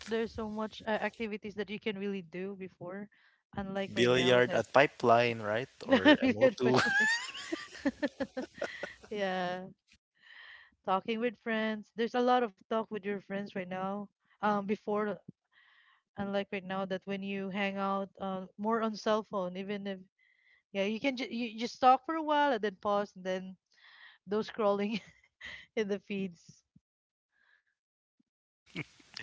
[SPEAKER 2] there's so much activities that you can really do before, unlike right now
[SPEAKER 1] Billiard
[SPEAKER 2] that
[SPEAKER 1] at pipeline, right? Or
[SPEAKER 2] familiar
[SPEAKER 1] MO2.
[SPEAKER 2] family. Yeah. Talking with friends. There's a lot of talk with your friends right now. Before, unlike right now, that when you hang out, more on cell phone, even if, yeah, you can ju you just talk for a while and then pause, and then those scrolling in the feeds.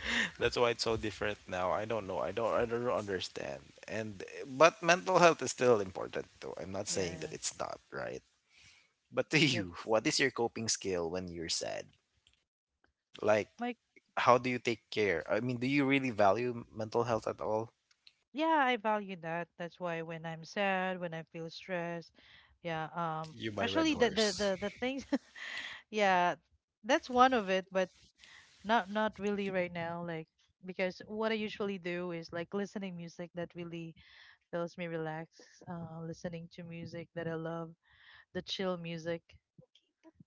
[SPEAKER 1] That's why it's so different now. I don't know, I don't understand. And, but mental health is still important, though. I'm not saying that
[SPEAKER 2] Yes.
[SPEAKER 1] it's not, right? But to
[SPEAKER 2] Yep.
[SPEAKER 1] you, what is your coping skill when you're sad? Like,
[SPEAKER 2] Like,
[SPEAKER 1] how do you take care? I mean, do you really value mental health at all?
[SPEAKER 2] yeah, I value that. That's why when I'm sad, when I feel stressed, yeah,
[SPEAKER 1] You by Red
[SPEAKER 2] actually the the
[SPEAKER 1] Horse.
[SPEAKER 2] the, the things, yeah, that's one of it. But not really right now, like, because what I usually do is like listening music that really helps me relax. Listening to music that I love, the chill music.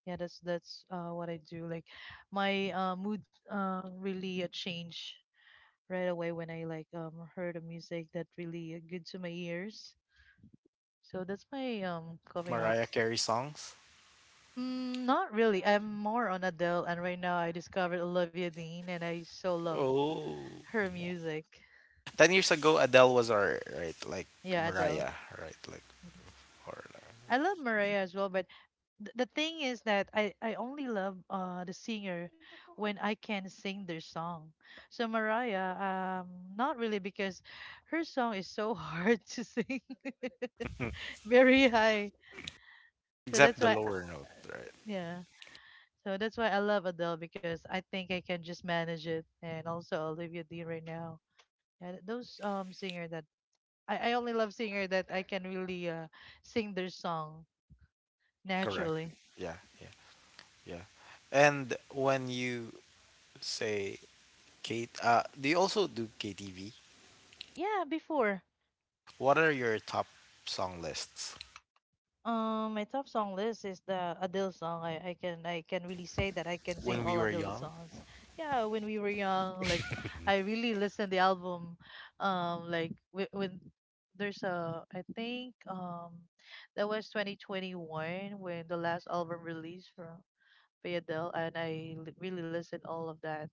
[SPEAKER 2] Yeah, that's what I do. Like my mood really change right away when I like heard a music that really good to my ears. So that's my coming
[SPEAKER 1] Mariah
[SPEAKER 2] ups.
[SPEAKER 1] Carey songs?
[SPEAKER 2] Mm, not really. I'm more on Adele, and right now I discovered Olivia Dean, and I so love
[SPEAKER 1] Oh.
[SPEAKER 2] her music.
[SPEAKER 1] 10 years ago, Adele was our, right? Like,
[SPEAKER 2] Yeah, Adele.
[SPEAKER 1] Mariah, right? Like,
[SPEAKER 2] Mhm.
[SPEAKER 1] or,
[SPEAKER 2] I love Mariah as well, but the thing is that I only love the singer when I can sing their song. So Mariah, not really because her song is so hard to sing,
[SPEAKER 1] like,
[SPEAKER 2] very high. So
[SPEAKER 1] except
[SPEAKER 2] that's
[SPEAKER 1] the
[SPEAKER 2] why, I-
[SPEAKER 1] lower note, right?
[SPEAKER 2] yeah. So that's why I love Adele, because I think I can just manage it, and also Olivia Dean right now. And those singer that I only love singer that I can really sing their song
[SPEAKER 1] Correct.
[SPEAKER 2] naturally.
[SPEAKER 1] Yeah, yeah, yeah. And when you say Kate, do you also do KTV?
[SPEAKER 2] Yeah, before.
[SPEAKER 1] What are your top song lists
[SPEAKER 2] My top song list is the Adele song. I can really say that I can sing
[SPEAKER 1] when we
[SPEAKER 2] all
[SPEAKER 1] were
[SPEAKER 2] Adele
[SPEAKER 1] young?
[SPEAKER 2] songs. Yeah, when we were young, like I really listened the album. Like when there's a I think that was 2021 when the last album released from by Adele, and I really listened all of that,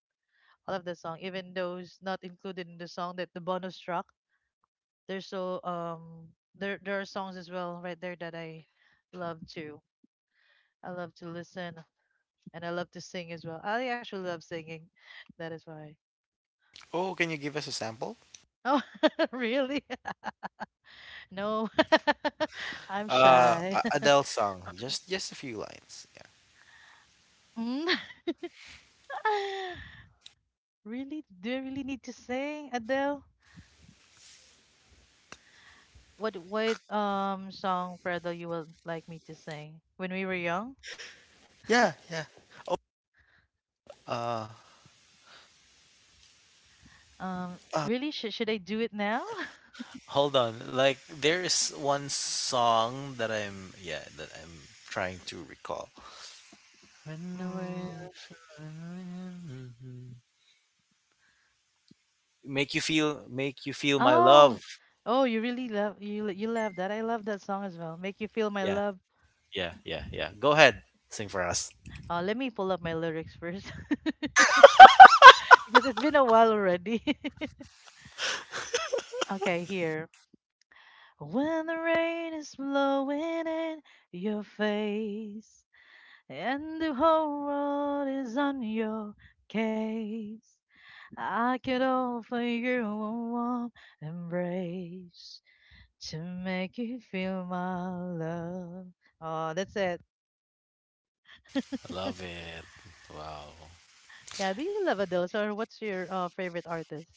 [SPEAKER 2] all of the song, even those not included in the song, that the bonus track. There's so um, there are songs as well right there that I love too. I love to listen, and I love to sing as well. I actually love singing. That is why.
[SPEAKER 1] Oh, can you give us a sample?
[SPEAKER 2] Oh, really? No, I'm shy.
[SPEAKER 1] Adele song, just a few lines. Yeah,
[SPEAKER 2] Mm. Really? Do you really need to sing, Adele? What song for you would like me to sing when we were young?
[SPEAKER 1] yeah, yeah. Uh,
[SPEAKER 2] Um,
[SPEAKER 1] uh,
[SPEAKER 2] really? Should I do it now?
[SPEAKER 1] Hold on. Like, there's one song that I'm yeah that I'm trying to recall. When the way
[SPEAKER 2] Mm.
[SPEAKER 1] I feel- Make you feel, make you feel my love.
[SPEAKER 2] Oh, oh, you really love you love that. I love that song as well. Make you feel my
[SPEAKER 1] Yeah,
[SPEAKER 2] love.
[SPEAKER 1] yeah, yeah, yeah. Go ahead, sing for us.
[SPEAKER 2] Let me pull up my lyrics first. Because it's been a while already. Okay, here. When the rain is blowing in your face and the whole world is on your case, I could offer you a warm embrace to make you feel my love. Oh, that's it.
[SPEAKER 1] I love it. Wow.
[SPEAKER 2] Yeah, do you love Adele? Or what's your favorite artist?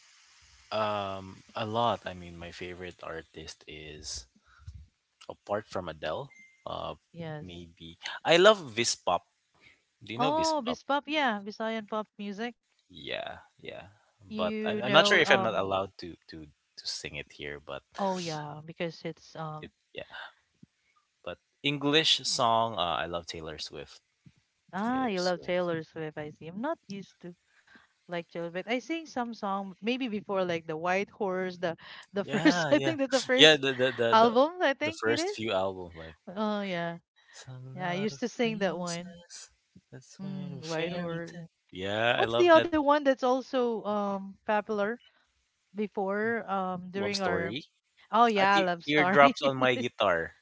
[SPEAKER 1] A lot. I mean, my favorite artist is, apart from Adele, uh,
[SPEAKER 2] Yes.
[SPEAKER 1] maybe, I love Vispop. Do you know
[SPEAKER 2] Oh,
[SPEAKER 1] Vispop?
[SPEAKER 2] Bispop, yeah, Visayan pop music.
[SPEAKER 1] Yeah, yeah. But I,
[SPEAKER 2] You
[SPEAKER 1] I'm not sure
[SPEAKER 2] know,
[SPEAKER 1] if I'm not allowed to sing it here. But
[SPEAKER 2] oh yeah, because it's
[SPEAKER 1] it, yeah. But English song, I love Taylor Swift.
[SPEAKER 2] ah,
[SPEAKER 1] Taylor
[SPEAKER 2] you love
[SPEAKER 1] Swift.
[SPEAKER 2] Taylor Swift. I see. I'm not used to like Taylor, but I sing some song maybe before, like the White Horse, the first
[SPEAKER 1] Yeah,
[SPEAKER 2] I
[SPEAKER 1] yeah,
[SPEAKER 2] think that the
[SPEAKER 1] yeah.
[SPEAKER 2] first
[SPEAKER 1] The the the the,
[SPEAKER 2] album I
[SPEAKER 1] the
[SPEAKER 2] think it
[SPEAKER 1] first
[SPEAKER 2] is.
[SPEAKER 1] few albums, like,
[SPEAKER 2] Oh yeah,
[SPEAKER 1] some
[SPEAKER 2] yeah. I
[SPEAKER 1] lot
[SPEAKER 2] used
[SPEAKER 1] of
[SPEAKER 2] to sing that one.
[SPEAKER 1] princess. That's when
[SPEAKER 2] Mm,
[SPEAKER 1] a
[SPEAKER 2] White
[SPEAKER 1] fairy
[SPEAKER 2] Horse.
[SPEAKER 1] tale. Yeah, I
[SPEAKER 2] What's the
[SPEAKER 1] love that.
[SPEAKER 2] other one that's also popular before
[SPEAKER 1] Love
[SPEAKER 2] during our
[SPEAKER 1] story.
[SPEAKER 2] oh yeah, Love Story.
[SPEAKER 1] Teardrops on my guitar.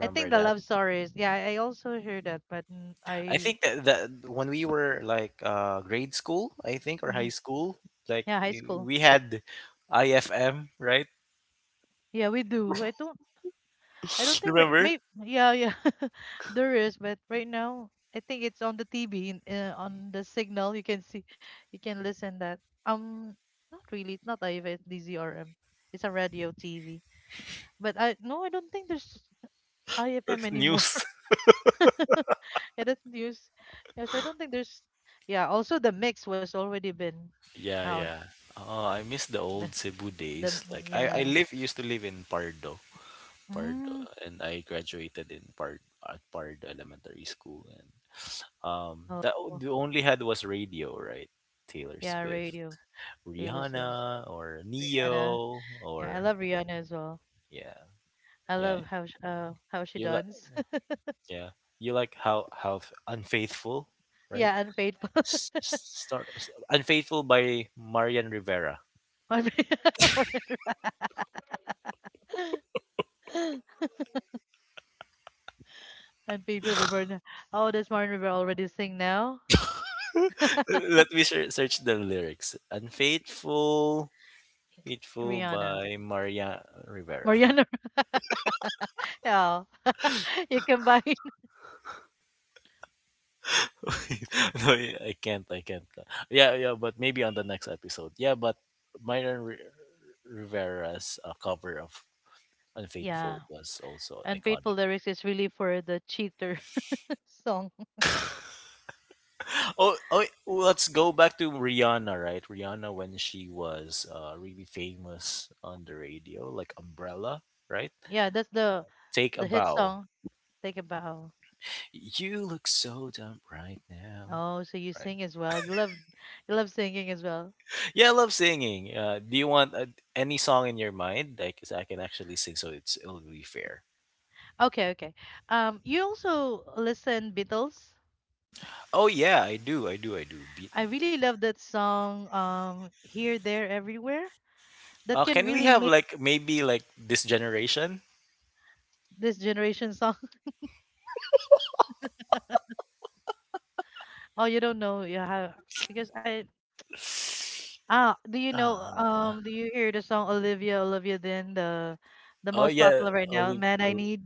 [SPEAKER 2] I think the
[SPEAKER 1] that?
[SPEAKER 2] Love Story is yeah. I also heard that, but mm,
[SPEAKER 1] I
[SPEAKER 2] I
[SPEAKER 1] think that when we were, like, grade school, I think, or
[SPEAKER 2] mhm.
[SPEAKER 1] high school,
[SPEAKER 2] Yeah, high school.
[SPEAKER 1] we had IFM, right?
[SPEAKER 2] Yeah, we do. I don't think right.
[SPEAKER 1] Remember?
[SPEAKER 2] Maybe yeah, yeah, there is. But right now, I think it's on the TV in, on the signal. You can see, you can listen that. Um, not really. It's not IFM. It's DZRM. It's a radio TV. But I no, I don't think there's IFM
[SPEAKER 1] That's
[SPEAKER 2] anymore.
[SPEAKER 1] news.
[SPEAKER 2] Yeah, that's news. Yeah, so I don't think there's. Yeah, also the mix was already been
[SPEAKER 1] Yeah,
[SPEAKER 2] out.
[SPEAKER 1] yeah. Oh, I miss the
[SPEAKER 2] The
[SPEAKER 1] old Cebu
[SPEAKER 2] the
[SPEAKER 1] days. Like, I
[SPEAKER 2] yeah.
[SPEAKER 1] live used to live in Pardo. Pardo,
[SPEAKER 2] Mm,
[SPEAKER 1] and I graduated in Pard at Pardo Elementary School, and
[SPEAKER 2] oh
[SPEAKER 1] the only had was radio, right? Taylor
[SPEAKER 2] yeah,
[SPEAKER 1] Swift,
[SPEAKER 2] radio. Taylor Swift,
[SPEAKER 1] Rihanna, or
[SPEAKER 2] Rihanna.
[SPEAKER 1] Neo,
[SPEAKER 2] Yeah, I
[SPEAKER 1] or
[SPEAKER 2] love Rihanna as well.
[SPEAKER 1] yeah,
[SPEAKER 2] I
[SPEAKER 1] yeah.
[SPEAKER 2] love how sh how she
[SPEAKER 1] You li
[SPEAKER 2] does
[SPEAKER 1] Yeah, you like, how unfaithful, right?
[SPEAKER 2] yeah, unfaithful.
[SPEAKER 1] Unfaithful by Marian Rivera.
[SPEAKER 2] Unfa- Martin- Unfaithful by Mariana. Oh, does Martin River already sing now?
[SPEAKER 1] Let me search the lyrics. Unfaithful, faithful
[SPEAKER 2] Rihanna.
[SPEAKER 1] by Marian Rivera.
[SPEAKER 2] Mariana. Yeah. You combine.
[SPEAKER 1] No, I can't. I can't. Yeah, yeah, but maybe on the next episode. Yeah, but Marian Ri- Rivera's cover of
[SPEAKER 2] Yeah.
[SPEAKER 1] Unfaithful was also
[SPEAKER 2] Unfaithful
[SPEAKER 1] iconic.
[SPEAKER 2] lyrics is really for the cheater song.
[SPEAKER 1] Oh, let's go back to Rihanna, right? Rihanna, when she was really famous on the radio, like Umbrella, right?
[SPEAKER 2] Yeah, that's
[SPEAKER 1] Take a
[SPEAKER 2] the hit
[SPEAKER 1] bow.
[SPEAKER 2] song. Take a bow.
[SPEAKER 1] You look so dumb right now.
[SPEAKER 2] Oh, so you
[SPEAKER 1] Right.
[SPEAKER 2] sing as well. You love singing as well.
[SPEAKER 1] Yeah, I love singing. Do you want any song in your mind? Like, 'cause I can actually sing, so it'll be fair.
[SPEAKER 2] Okay, okay. You also listen Beatles.
[SPEAKER 1] Oh yeah, I do, I do, I do. Beat.
[SPEAKER 2] I really love that song, Here, There, Everywhere. That can
[SPEAKER 1] Can we
[SPEAKER 2] really
[SPEAKER 1] have,
[SPEAKER 2] make
[SPEAKER 1] like, maybe, like, this generation?
[SPEAKER 2] this generation song. Oh, you don't know, yeah, how- because I ah, do you know
[SPEAKER 1] Uh,
[SPEAKER 2] do you hear the song Olivia, Olivia, then the
[SPEAKER 1] oh
[SPEAKER 2] most
[SPEAKER 1] yeah,
[SPEAKER 2] popular right now,
[SPEAKER 1] Oli.
[SPEAKER 2] Man I
[SPEAKER 1] Uh,
[SPEAKER 2] Need?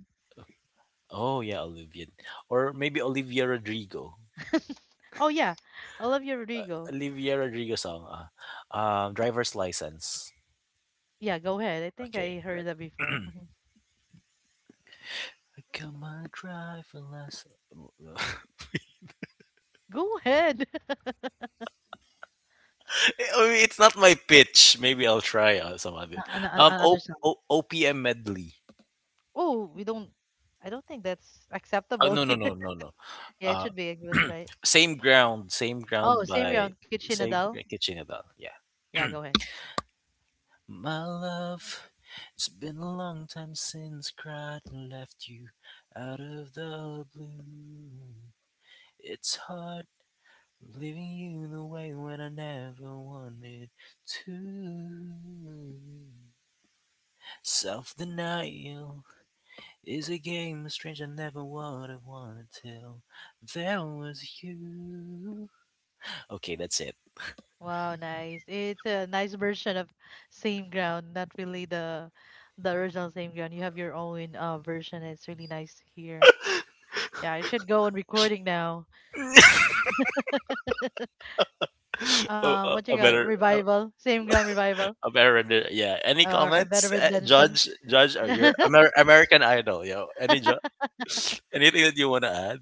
[SPEAKER 1] Oh yeah, Olivia, or maybe Olivia Rodrigo.
[SPEAKER 2] Oh yeah, Olivia Rodrigo.
[SPEAKER 1] Olivia Rodrigo song, driver's license.
[SPEAKER 2] Yeah, go ahead. I think I
[SPEAKER 1] Okay,
[SPEAKER 2] heard
[SPEAKER 1] right.
[SPEAKER 2] that before. Mhm.
[SPEAKER 1] I got my driver's license.
[SPEAKER 2] Go ahead.
[SPEAKER 1] I mean, it's not my pitch. Maybe I'll try some other.
[SPEAKER 2] Another song.
[SPEAKER 1] OPM medley.
[SPEAKER 2] Oh, we don't. I don't think that's
[SPEAKER 1] Oh,
[SPEAKER 2] acceptable
[SPEAKER 1] no, no,
[SPEAKER 2] here.
[SPEAKER 1] no, no, no.
[SPEAKER 2] Yeah, it
[SPEAKER 1] Uh,
[SPEAKER 2] should be English, right?
[SPEAKER 1] Same
[SPEAKER 2] Oh,
[SPEAKER 1] ground
[SPEAKER 2] same
[SPEAKER 1] by
[SPEAKER 2] ground, on Kitchen.
[SPEAKER 1] same Kitchen Adele. Yeah.
[SPEAKER 2] Yeah, go ahead.
[SPEAKER 1] My love, it's been a long time since cried and left you out of the blue. It's hard leaving you the way when I never wanted to. Self denial is a game of strange I never would have wanted till there was you. Okay, that's it.
[SPEAKER 2] Wow, nice. It's a nice version of Same Ground, not really the original Same Ground. You have your own version. It's really nice to hear. Yeah, I should go on recording now.
[SPEAKER 1] Oh,
[SPEAKER 2] What you
[SPEAKER 1] I
[SPEAKER 2] got?
[SPEAKER 1] better. A
[SPEAKER 2] Revival, Same Ground revival,
[SPEAKER 1] American, yeah. Any
[SPEAKER 2] or a better
[SPEAKER 1] comments,
[SPEAKER 2] rendition?
[SPEAKER 1] Judge? Judge, or your American Idol, yo? Anything that you wanna add?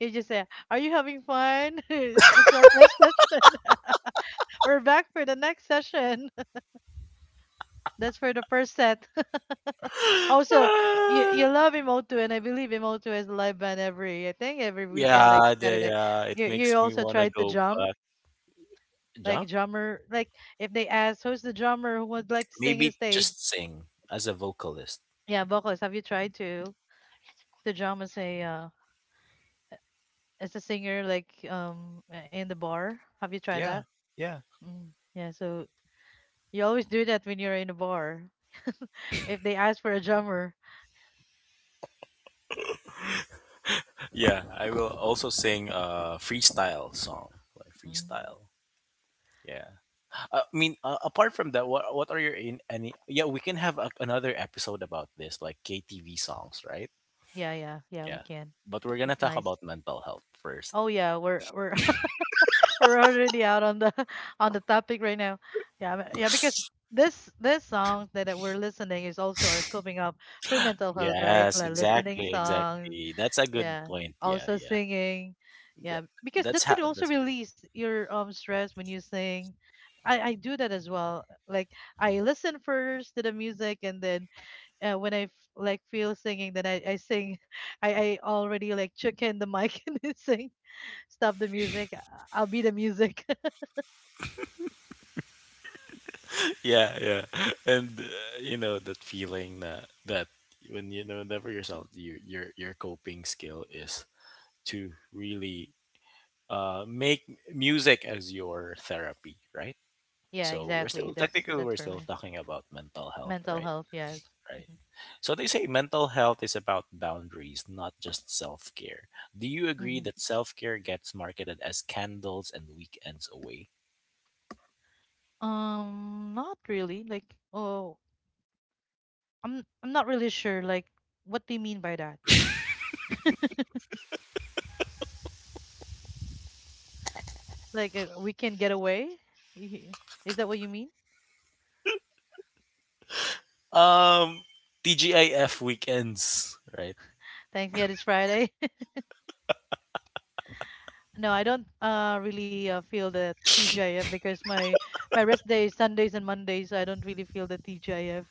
[SPEAKER 2] You just say, "Are you having fun?" It's our first session. We're back for the next session. That's for the first set. Also, you love Emoto, and I believe Emoto is a live band every, I think every weekend, like
[SPEAKER 1] Yeah,
[SPEAKER 2] Saturday.
[SPEAKER 1] yeah. It
[SPEAKER 2] You
[SPEAKER 1] makes me
[SPEAKER 2] also
[SPEAKER 1] wanna
[SPEAKER 2] try to
[SPEAKER 1] go
[SPEAKER 2] drum,
[SPEAKER 1] back.
[SPEAKER 2] like
[SPEAKER 1] Jump?
[SPEAKER 2] drummer, like if they ask who's the drummer who would like to sing in the
[SPEAKER 1] Maybe
[SPEAKER 2] stage.
[SPEAKER 1] just sing as a vocalist.
[SPEAKER 2] Yeah, vocals. Have you tried to drum as a singer, like in the bar? Have you tried that?
[SPEAKER 1] Yeah, yeah,
[SPEAKER 2] Mm. Yeah. So you always do that when you're in a bar. If they ask for a drummer.
[SPEAKER 1] yeah. I will also sing a freestyle song, like
[SPEAKER 2] Mm.
[SPEAKER 1] freestyle. Yeah. I mean, apart from that, what are your, in any? Yeah, we can have another episode about this, like KTV songs, right?
[SPEAKER 2] Yeah, yeah, yeah, we
[SPEAKER 1] Yeah.
[SPEAKER 2] can.
[SPEAKER 1] But we're gonna
[SPEAKER 2] It's
[SPEAKER 1] talk
[SPEAKER 2] nice.
[SPEAKER 1] about mental health first.
[SPEAKER 2] Oh yeah, we're we're already out on the on the topic right now. Yeah, but- yeah, because this song that we're listening is also our coming up for mental health, right?
[SPEAKER 1] Yes,
[SPEAKER 2] Like listening
[SPEAKER 1] exactly,
[SPEAKER 2] songs,
[SPEAKER 1] exactly. That's a good
[SPEAKER 2] yeah,
[SPEAKER 1] point. Yeah,
[SPEAKER 2] also
[SPEAKER 1] yeah,
[SPEAKER 2] singing.
[SPEAKER 1] yeah.
[SPEAKER 2] Yeah, because
[SPEAKER 1] That's
[SPEAKER 2] that
[SPEAKER 1] how.
[SPEAKER 2] could also
[SPEAKER 1] That's
[SPEAKER 2] release your stress when you sing. I do that as well. Like I listen first to the music, and then when I f- like feel singing, then I sing. I already like check in the mic and then sing. Stop the music. I'll be the music.
[SPEAKER 1] yeah, yeah. And you know that feeling that when you know, whenever yourself, your coping skill is to really make music as your therapy, right?
[SPEAKER 2] Yeah,
[SPEAKER 1] So we're
[SPEAKER 2] exactly.
[SPEAKER 1] still
[SPEAKER 2] That's
[SPEAKER 1] technically
[SPEAKER 2] that's
[SPEAKER 1] we're
[SPEAKER 2] for
[SPEAKER 1] still
[SPEAKER 2] me.
[SPEAKER 1] talking about mental health,
[SPEAKER 2] Mental
[SPEAKER 1] right?
[SPEAKER 2] health. Yes.
[SPEAKER 1] Right. So they say mental health is about boundaries, not just self care. Do you agree
[SPEAKER 2] Hmm.
[SPEAKER 1] that self care gets marketed as candles and weekends away?
[SPEAKER 2] Not really. Like, oh, I'm not really sure. Like, what do you mean by that? Like, we can get away? Y- is that what you mean?
[SPEAKER 1] Um, TGIF weekends, right?
[SPEAKER 2] Thanks. Yeah, it's Friday. No, I don't really feel the TGIF, because my rest day is Sundays and Mondays. I don't really feel the TGIF.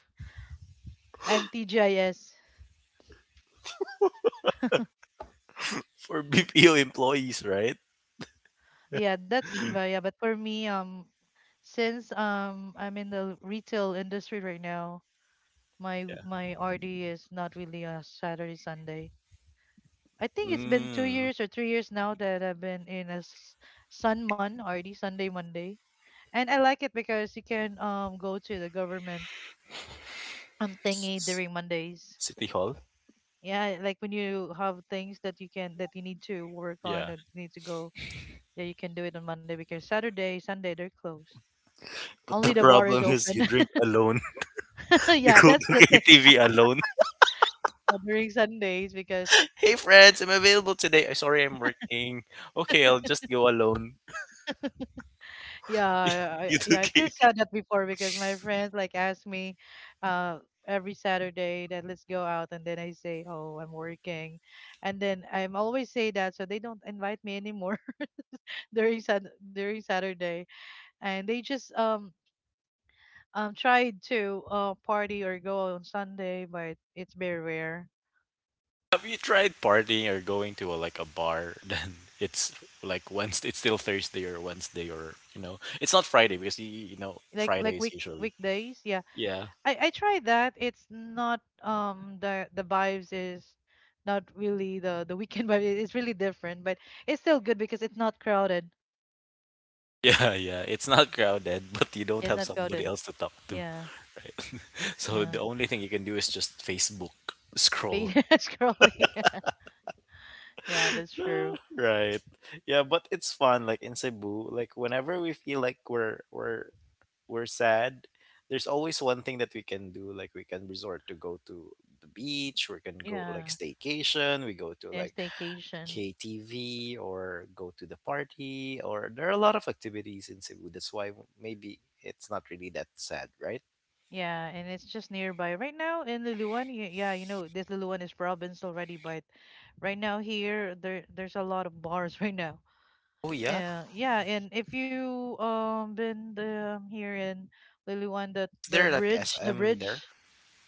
[SPEAKER 2] Am TGIS.
[SPEAKER 1] For BPO employees, right?
[SPEAKER 2] Yeah, that's but yeah, but for me, since I'm in the retail industry right now,
[SPEAKER 1] Yeah.
[SPEAKER 2] my RD is not really a Saturday Sunday. I think it's been two
[SPEAKER 1] Mm.
[SPEAKER 2] years or 3 years now that I've been in a s- Sun Mon RD Sunday Monday, and I like it because you can go to the government thingy
[SPEAKER 1] S-
[SPEAKER 2] during Mondays.
[SPEAKER 1] City Hall?
[SPEAKER 2] Yeah, like when you have things that you can that you need to work on
[SPEAKER 1] Yeah.
[SPEAKER 2] or need to go, yeah, you can do it on Monday because Saturday, Sunday they're closed.
[SPEAKER 1] But
[SPEAKER 2] Only
[SPEAKER 1] the
[SPEAKER 2] the bar is
[SPEAKER 1] problem is you
[SPEAKER 2] open.
[SPEAKER 1] drink alone. You
[SPEAKER 2] Yeah,
[SPEAKER 1] go
[SPEAKER 2] that's the
[SPEAKER 1] to
[SPEAKER 2] thing
[SPEAKER 1] KTV alone.
[SPEAKER 2] during Sundays because
[SPEAKER 1] Hey friends, I'm available today. I, sorry, I'm working. Okay, I'll just go alone.
[SPEAKER 2] yeah,
[SPEAKER 1] You
[SPEAKER 2] yeah,
[SPEAKER 1] do
[SPEAKER 2] I feel
[SPEAKER 1] K.
[SPEAKER 2] sad that before because my friends like ask me, uh, every Saturday that let's go out, and then I say, oh, I'm working, and then I'm always say that, so they don't invite me anymore during Sun during Saturday, and they just tried to party or go on Sunday, but it's very rare.
[SPEAKER 1] Have you tried partying or going to like, a bar? Then it's, like, Wednesday. It's still Thursday or Wednesday, or, you know, it's not Friday because you know
[SPEAKER 2] Like
[SPEAKER 1] Friday
[SPEAKER 2] like
[SPEAKER 1] is
[SPEAKER 2] week
[SPEAKER 1] usually,
[SPEAKER 2] weekdays, yeah.
[SPEAKER 1] yeah.
[SPEAKER 2] I tried that. It's not the the vibes is not really the weekend vibe. It's really different, but it's still good because it's not crowded.
[SPEAKER 1] Yeah, yeah, it's not crowded, but you don't
[SPEAKER 2] It's
[SPEAKER 1] have
[SPEAKER 2] not
[SPEAKER 1] somebody
[SPEAKER 2] crowded.
[SPEAKER 1] else to talk to,
[SPEAKER 2] Yeah,
[SPEAKER 1] right? So
[SPEAKER 2] yeah.
[SPEAKER 1] the only thing you can do is just Facebook
[SPEAKER 2] But
[SPEAKER 1] scroll.
[SPEAKER 2] yeah, scrolling. Yeah, that's
[SPEAKER 1] Ah,
[SPEAKER 2] true.
[SPEAKER 1] right. Yeah, but it's fun. Like in Cebu, like, whenever we feel like we're sad, there's always one thing that we can do. Like, we can resort to go to the beach, we can go like
[SPEAKER 2] Yeah,
[SPEAKER 1] staycation, we go to
[SPEAKER 2] there's
[SPEAKER 1] like
[SPEAKER 2] staycation.
[SPEAKER 1] KTV or go to the party, or there are a lot of activities in Cebu. That's why maybe it's not really that sad, right?
[SPEAKER 2] Yeah, and it's just nearby. Right now in Luluan, yeah, you know, this Luluan is province already, but right now here there's a lot of bars right now.
[SPEAKER 1] Oh yeah.
[SPEAKER 2] Yeah, and if you been here in Luluan, the
[SPEAKER 1] Is there like SM
[SPEAKER 2] bridge,
[SPEAKER 1] there?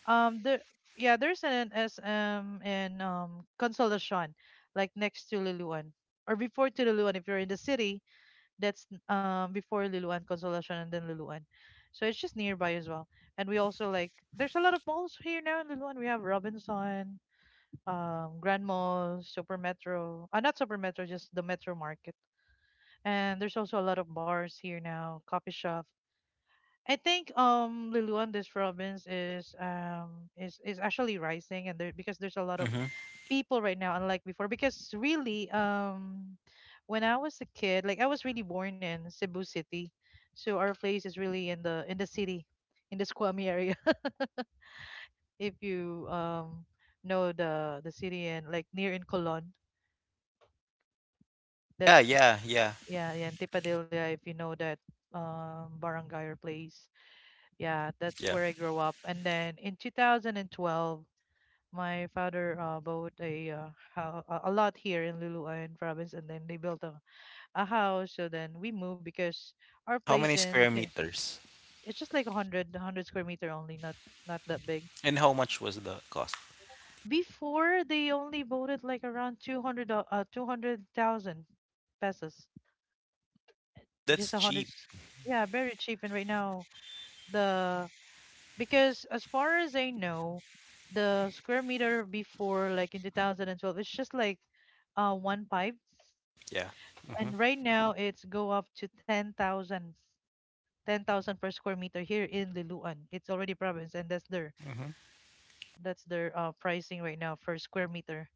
[SPEAKER 2] the yeah, there's an SM in Consolacion, like next to Luluan or before to Luluan if you're in the city. That's before Luluan, Consolacion, and then Luluan. So it's just nearby as well. And we also, like, there's a lot of malls here now in Luluan. We have Robinson, Grand Mall, Super Metro. Not Super Metro, just the Metro Market. And there's also a lot of bars here now, coffee shop. I think Luluan this province is actually rising, and there because there's a lot of
[SPEAKER 1] Mm-hmm.
[SPEAKER 2] people right now, unlike before. Because really, when I was a kid, like I was really born in Cebu City, so our place is really in the city, in the Squamish area. If you know the city and like near in Colon.
[SPEAKER 1] Yeah,
[SPEAKER 2] That's
[SPEAKER 1] yeah, yeah,
[SPEAKER 2] yeah, yeah, in Tipadilla if you know that barangay or place. Yeah, that's
[SPEAKER 1] yeah.
[SPEAKER 2] where I grew up. And then in 2012 my father bought a a lot here in Luluan province, and then they built a house. So then we moved because our
[SPEAKER 1] How
[SPEAKER 2] place
[SPEAKER 1] many
[SPEAKER 2] in
[SPEAKER 1] square meters?
[SPEAKER 2] it's just like a hundred square meter only, not not that big.
[SPEAKER 1] And how much was the cost?
[SPEAKER 2] Before they only bought it like around 200,000 pesos, just
[SPEAKER 1] That's
[SPEAKER 2] a
[SPEAKER 1] cheap.
[SPEAKER 2] Yeah, very cheap. And right now the, because as far as I know, the square meter before, like in 2012, it's just like 1,5.
[SPEAKER 1] Yeah. Mm-hmm.
[SPEAKER 2] And right now it's go up to 10,000 per square meter here in Liloan. It's already province and
[SPEAKER 1] Mm-hmm.
[SPEAKER 2] that's their pricing right now per square meter.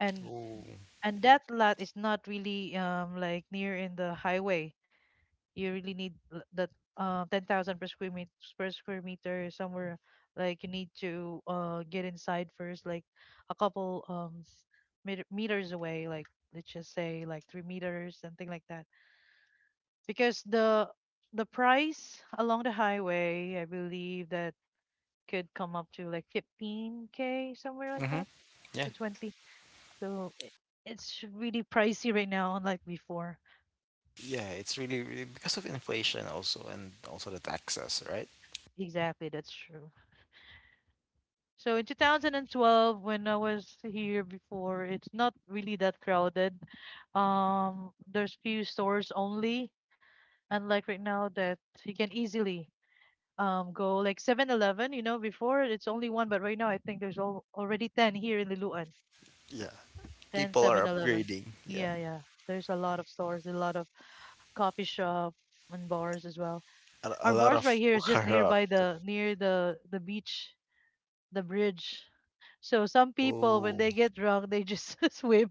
[SPEAKER 2] And
[SPEAKER 1] Ooh.
[SPEAKER 2] that lot is not really like near in the highway. You really need l- that 10,000 per square meter. Somewhere like you need to get inside first, like a couple meters away, like let's just say like 3 meters, something like that, because the price along the highway, I believe that could come up to like 15k, somewhere like
[SPEAKER 1] Mm-hmm.
[SPEAKER 2] that, to
[SPEAKER 1] Yeah.
[SPEAKER 2] 20. So it's really pricey right now, unlike before.
[SPEAKER 1] Yeah, it's really, really because of inflation also and also the taxes, right?
[SPEAKER 2] Exactly, that's true. So in 2012, when I was here before, it's not really that crowded. There's few stores only, unlike right now that you can easily go like 7-Eleven, you know, before it's only one, but right now I think there's all already 10 here in Liloan.
[SPEAKER 1] Yeah.
[SPEAKER 2] Ten
[SPEAKER 1] People
[SPEAKER 2] Seven
[SPEAKER 1] are
[SPEAKER 2] Eleven.
[SPEAKER 1] upgrading. Yeah.
[SPEAKER 2] Yeah, yeah. There's a lot of stores, a lot of coffee shop and bars as well.
[SPEAKER 1] A
[SPEAKER 2] Our
[SPEAKER 1] lot
[SPEAKER 2] bars right
[SPEAKER 1] of
[SPEAKER 2] here is just
[SPEAKER 1] Bukhara.
[SPEAKER 2] nearby the near the beach, the bridge. So some people when
[SPEAKER 1] Oh.
[SPEAKER 2] they get drunk, they just swim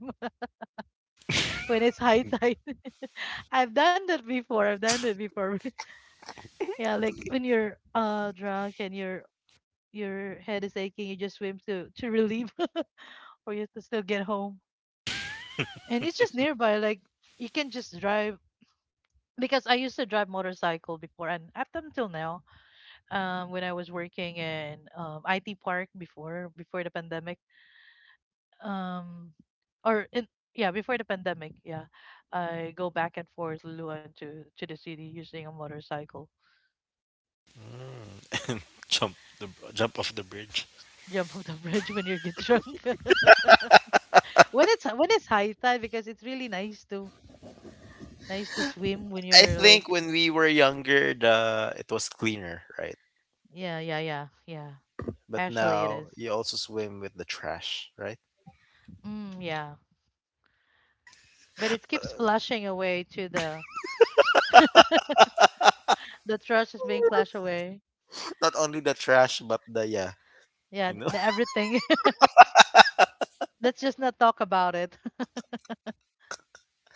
[SPEAKER 2] when it's high tide. I've done that before. I've done that before. Yeah, like when you're drunk and your head is aching, you just swim to relieve, for you to still get home. And it's just nearby, like you can just drive, because I used to drive motorcycle before and up until now, when I was working in IT Park before the pandemic, um, or in, yeah, before the pandemic, yeah, I go back and forth Luluan to the city using a motorcycle.
[SPEAKER 1] Jump the Jump off the bridge.
[SPEAKER 2] Jump off the bridge when you get drunk. When it's high tide, because it's really nice to swim when
[SPEAKER 1] I
[SPEAKER 2] you're
[SPEAKER 1] think
[SPEAKER 2] like
[SPEAKER 1] when we were younger, the it was cleaner, right?
[SPEAKER 2] yeah, yeah, yeah, yeah.
[SPEAKER 1] But
[SPEAKER 2] Actually, it
[SPEAKER 1] now
[SPEAKER 2] is.
[SPEAKER 1] you also swim with the trash, right?
[SPEAKER 2] Mm, yeah. But it keeps flashing away to the the trash is being flashed away.
[SPEAKER 1] Not only the trash, but the, yeah,
[SPEAKER 2] Yeah,
[SPEAKER 1] you know.
[SPEAKER 2] the everything. Let's just not talk about it.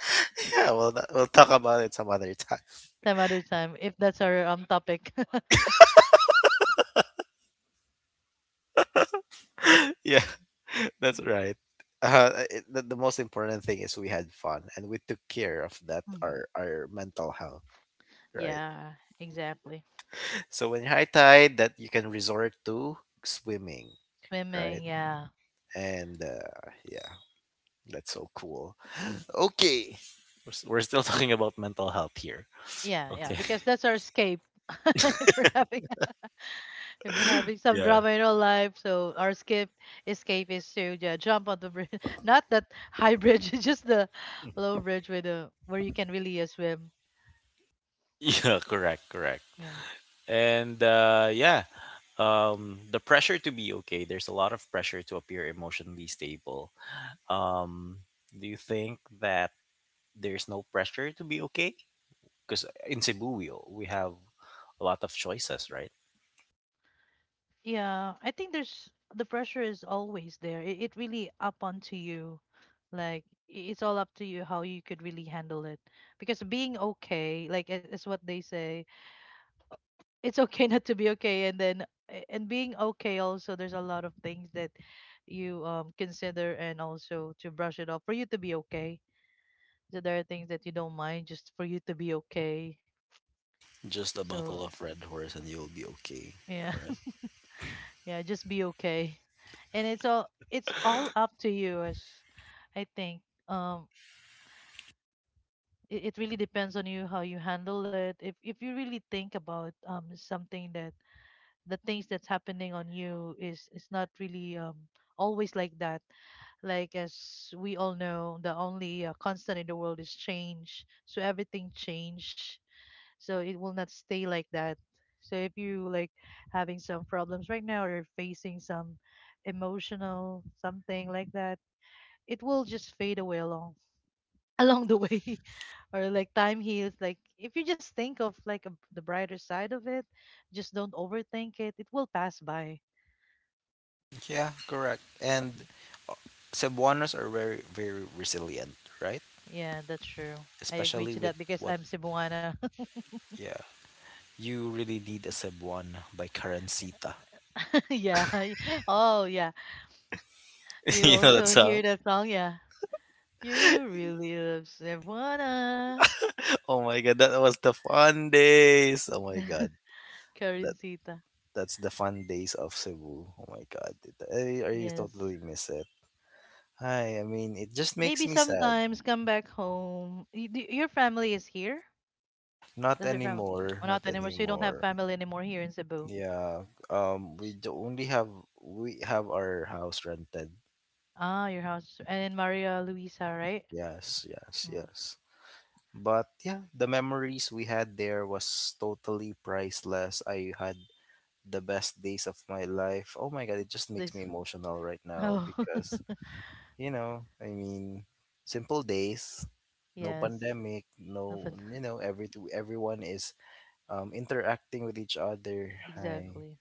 [SPEAKER 1] Yeah, well, we'll talk about it some other time.
[SPEAKER 2] Some other time if that's our topic.
[SPEAKER 1] Yeah, that's right. The most important thing is we had fun and we took care of that
[SPEAKER 2] Mhm.
[SPEAKER 1] our mental health, right?
[SPEAKER 2] Yeah, exactly.
[SPEAKER 1] So when you're high tide, that you can resort to swimming, right?
[SPEAKER 2] Swimming, yeah.
[SPEAKER 1] And yeah, that's so cool. Okay, we're still talking about mental health here.
[SPEAKER 2] Yeah, yeah,
[SPEAKER 1] Okay.
[SPEAKER 2] because that's our escape. if we're having if we're having some
[SPEAKER 1] Yeah.
[SPEAKER 2] drama in our life, so our escape is to, yeah, jump on the bridge. Not that high bridge, just the low bridge with the where you can really swim.
[SPEAKER 1] Yeah. Correct. Correct.
[SPEAKER 2] Yeah.
[SPEAKER 1] And yeah, the pressure to be okay. There's a lot of pressure to appear emotionally stable. Um, do you think that there's no pressure to be okay? Because in Cebu, we have a lot of choices, right?
[SPEAKER 2] Yeah, I think there's the pressure is always there. It really up onto you. Like it's all up to you how you could really handle it. Because being okay, like, is what they say, it's okay not to be okay, and then and being okay also, there's a lot of things that you consider and also to brush it off for you to be okay. So there are things that you don't mind just for you to be okay.
[SPEAKER 1] Just a
[SPEAKER 2] So
[SPEAKER 1] bottle of Red Horse and you'll be okay,
[SPEAKER 2] yeah.
[SPEAKER 1] right?
[SPEAKER 2] Yeah, just be okay, and it's all up to you, as I think um it really depends on you how you handle it, if you really think about something that the things that's happening on you is not really always like that. Like, as we all know, the only constant in the world is change, so everything change, so it will not stay like that. So if you like having some problems right now or facing some emotional something like that, it will just fade away along along the way or like time heals, like if you just think of the brighter side of it, just don't overthink it, it will pass by.
[SPEAKER 1] Yeah, correct. And uh, Cebuanos are very, very resilient, right?
[SPEAKER 2] Yeah, that's true. I agree
[SPEAKER 1] Especially
[SPEAKER 2] to
[SPEAKER 1] with,
[SPEAKER 2] that because
[SPEAKER 1] what,
[SPEAKER 2] I'm Cebuana.
[SPEAKER 1] yeah. You really need a Cebuana by Karansita.
[SPEAKER 2] Yeah, oh yeah, you
[SPEAKER 1] You know that
[SPEAKER 2] also hear
[SPEAKER 1] song?
[SPEAKER 2] that song, yeah, you really love Cebuana.
[SPEAKER 1] Oh my god, that was the fun days. Oh my god. that.
[SPEAKER 2] Karencita.
[SPEAKER 1] That's the fun days of Cebu. Oh my god, I
[SPEAKER 2] Yes.
[SPEAKER 1] totally miss it. Hi, I mean, it just makes
[SPEAKER 2] Maybe
[SPEAKER 1] me sad.
[SPEAKER 2] sometimes come back home. Your family is here?
[SPEAKER 1] Not
[SPEAKER 2] Does your family? Well,
[SPEAKER 1] anymore,
[SPEAKER 2] not
[SPEAKER 1] not
[SPEAKER 2] anymore. So you don't have
[SPEAKER 1] anymore.
[SPEAKER 2] family anymore here in Cebu.
[SPEAKER 1] Yeah, um, we do only have we have our house rented.
[SPEAKER 2] Ah, your house. And in Maria Luisa, right?
[SPEAKER 1] Yes, yes,
[SPEAKER 2] Mm.
[SPEAKER 1] yes. But yeah, the memories we had there was totally priceless. I had the best days of my life. Oh my god, it
[SPEAKER 2] The
[SPEAKER 1] just
[SPEAKER 2] best
[SPEAKER 1] makes me
[SPEAKER 2] days.
[SPEAKER 1] emotional right now
[SPEAKER 2] Oh,
[SPEAKER 1] because you know, I mean, simple days, no
[SPEAKER 2] yes.
[SPEAKER 1] pandemic,
[SPEAKER 2] No
[SPEAKER 1] no,
[SPEAKER 2] fun-
[SPEAKER 1] you know, everyone is interacting with each other. Hi.
[SPEAKER 2] Exactly.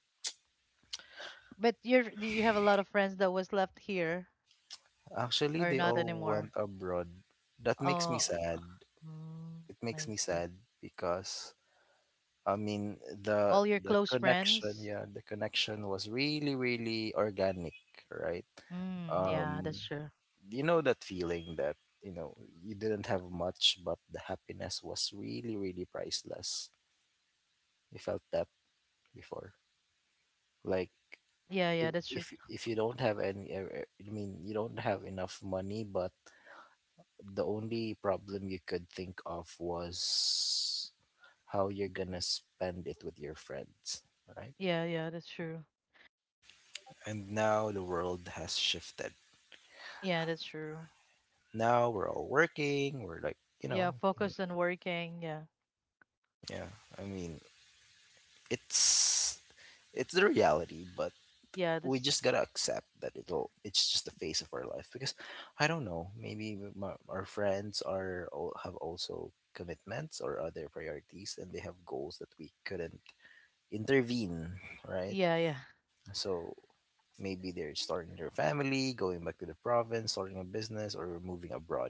[SPEAKER 2] But you're, do you have a lot of friends that was left here
[SPEAKER 1] Actually,
[SPEAKER 2] or
[SPEAKER 1] they
[SPEAKER 2] not
[SPEAKER 1] all went
[SPEAKER 2] anymore?
[SPEAKER 1] abroad. That makes me
[SPEAKER 2] Oh,
[SPEAKER 1] sad.
[SPEAKER 2] mm,
[SPEAKER 1] It makes
[SPEAKER 2] I
[SPEAKER 1] me
[SPEAKER 2] see.
[SPEAKER 1] sad because I mean the
[SPEAKER 2] All your
[SPEAKER 1] the
[SPEAKER 2] close
[SPEAKER 1] connection,
[SPEAKER 2] friends?
[SPEAKER 1] yeah, the connection was really really organic, right?
[SPEAKER 2] Mm, yeah,
[SPEAKER 1] Um
[SPEAKER 2] that's true.
[SPEAKER 1] you know that feeling that you know you didn't have much but the happiness was really really priceless. You felt that before. Like
[SPEAKER 2] Yeah, yeah,
[SPEAKER 1] if
[SPEAKER 2] that's true.
[SPEAKER 1] if if you don't have any you don't have enough money but the only problem you could think of was how you're gonna spend it with your friends, right?
[SPEAKER 2] Yeah, yeah, that's true.
[SPEAKER 1] And now the world has shifted,
[SPEAKER 2] Yeah, that's true.
[SPEAKER 1] now we're all working, we're like, you know,
[SPEAKER 2] Yeah, focus on working. Yeah.
[SPEAKER 1] yeah, i mean it's it's the reality, but
[SPEAKER 2] Yeah,
[SPEAKER 1] we just
[SPEAKER 2] that's
[SPEAKER 1] gotta accept that it's just the phase of our life because I don't know, maybe our friends are have also commitments or other priorities and they have goals that we couldn't intervene, right?
[SPEAKER 2] yeah, yeah.
[SPEAKER 1] So maybe they're starting their family, going back to the province, starting a business or moving abroad,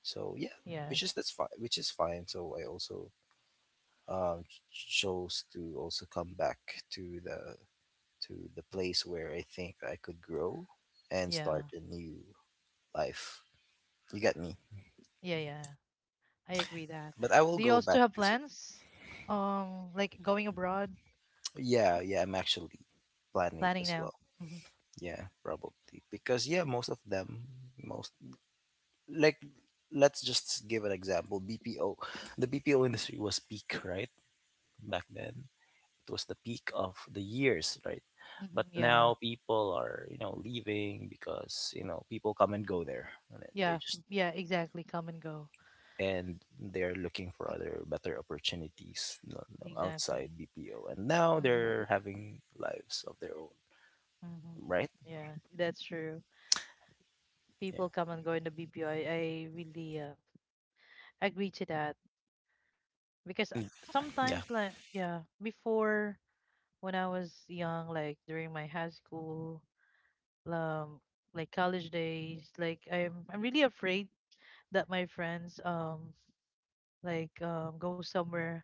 [SPEAKER 1] so yeah, which is
[SPEAKER 2] Yes.
[SPEAKER 1] that's fine, which is fine. So I also chose to also come back to the place where I think I could grow and start
[SPEAKER 2] Yeah.
[SPEAKER 1] a new life. You get me?
[SPEAKER 2] Yeah, yeah. I agree that.
[SPEAKER 1] But I will
[SPEAKER 2] Do you
[SPEAKER 1] go
[SPEAKER 2] also
[SPEAKER 1] back
[SPEAKER 2] have
[SPEAKER 1] to
[SPEAKER 2] plans? Like going abroad?
[SPEAKER 1] yeah, yeah, I'm actually planning
[SPEAKER 2] Planning
[SPEAKER 1] as
[SPEAKER 2] now.
[SPEAKER 1] well.
[SPEAKER 2] Hmm.
[SPEAKER 1] Yeah, probably. Because yeah, most of them, most like let's just give an example. BPO. The BPO industry was peak, right? Back then. It was the peak of the years, right?
[SPEAKER 2] Hmm.
[SPEAKER 1] But
[SPEAKER 2] Yeah.
[SPEAKER 1] now people are, you know, leaving because, you know, people come and go there. And then they
[SPEAKER 2] Yeah.
[SPEAKER 1] just,
[SPEAKER 2] Yeah, exactly. Come and go.
[SPEAKER 1] and they're looking for other better opportunities, you know,
[SPEAKER 2] Exactly.
[SPEAKER 1] outside BPO. And now
[SPEAKER 2] Hmm.
[SPEAKER 1] they're having lives of their own,
[SPEAKER 2] Hmm.
[SPEAKER 1] right?
[SPEAKER 2] Yeah, that's true.
[SPEAKER 1] Yeah.
[SPEAKER 2] People come and go in the BPO. I really agree to that because
[SPEAKER 1] Mm,
[SPEAKER 2] sometimes
[SPEAKER 1] yeah.
[SPEAKER 2] like, yeah, before when I was young, like during my high school, um, like college days, like I'm really afraid that my friends go somewhere.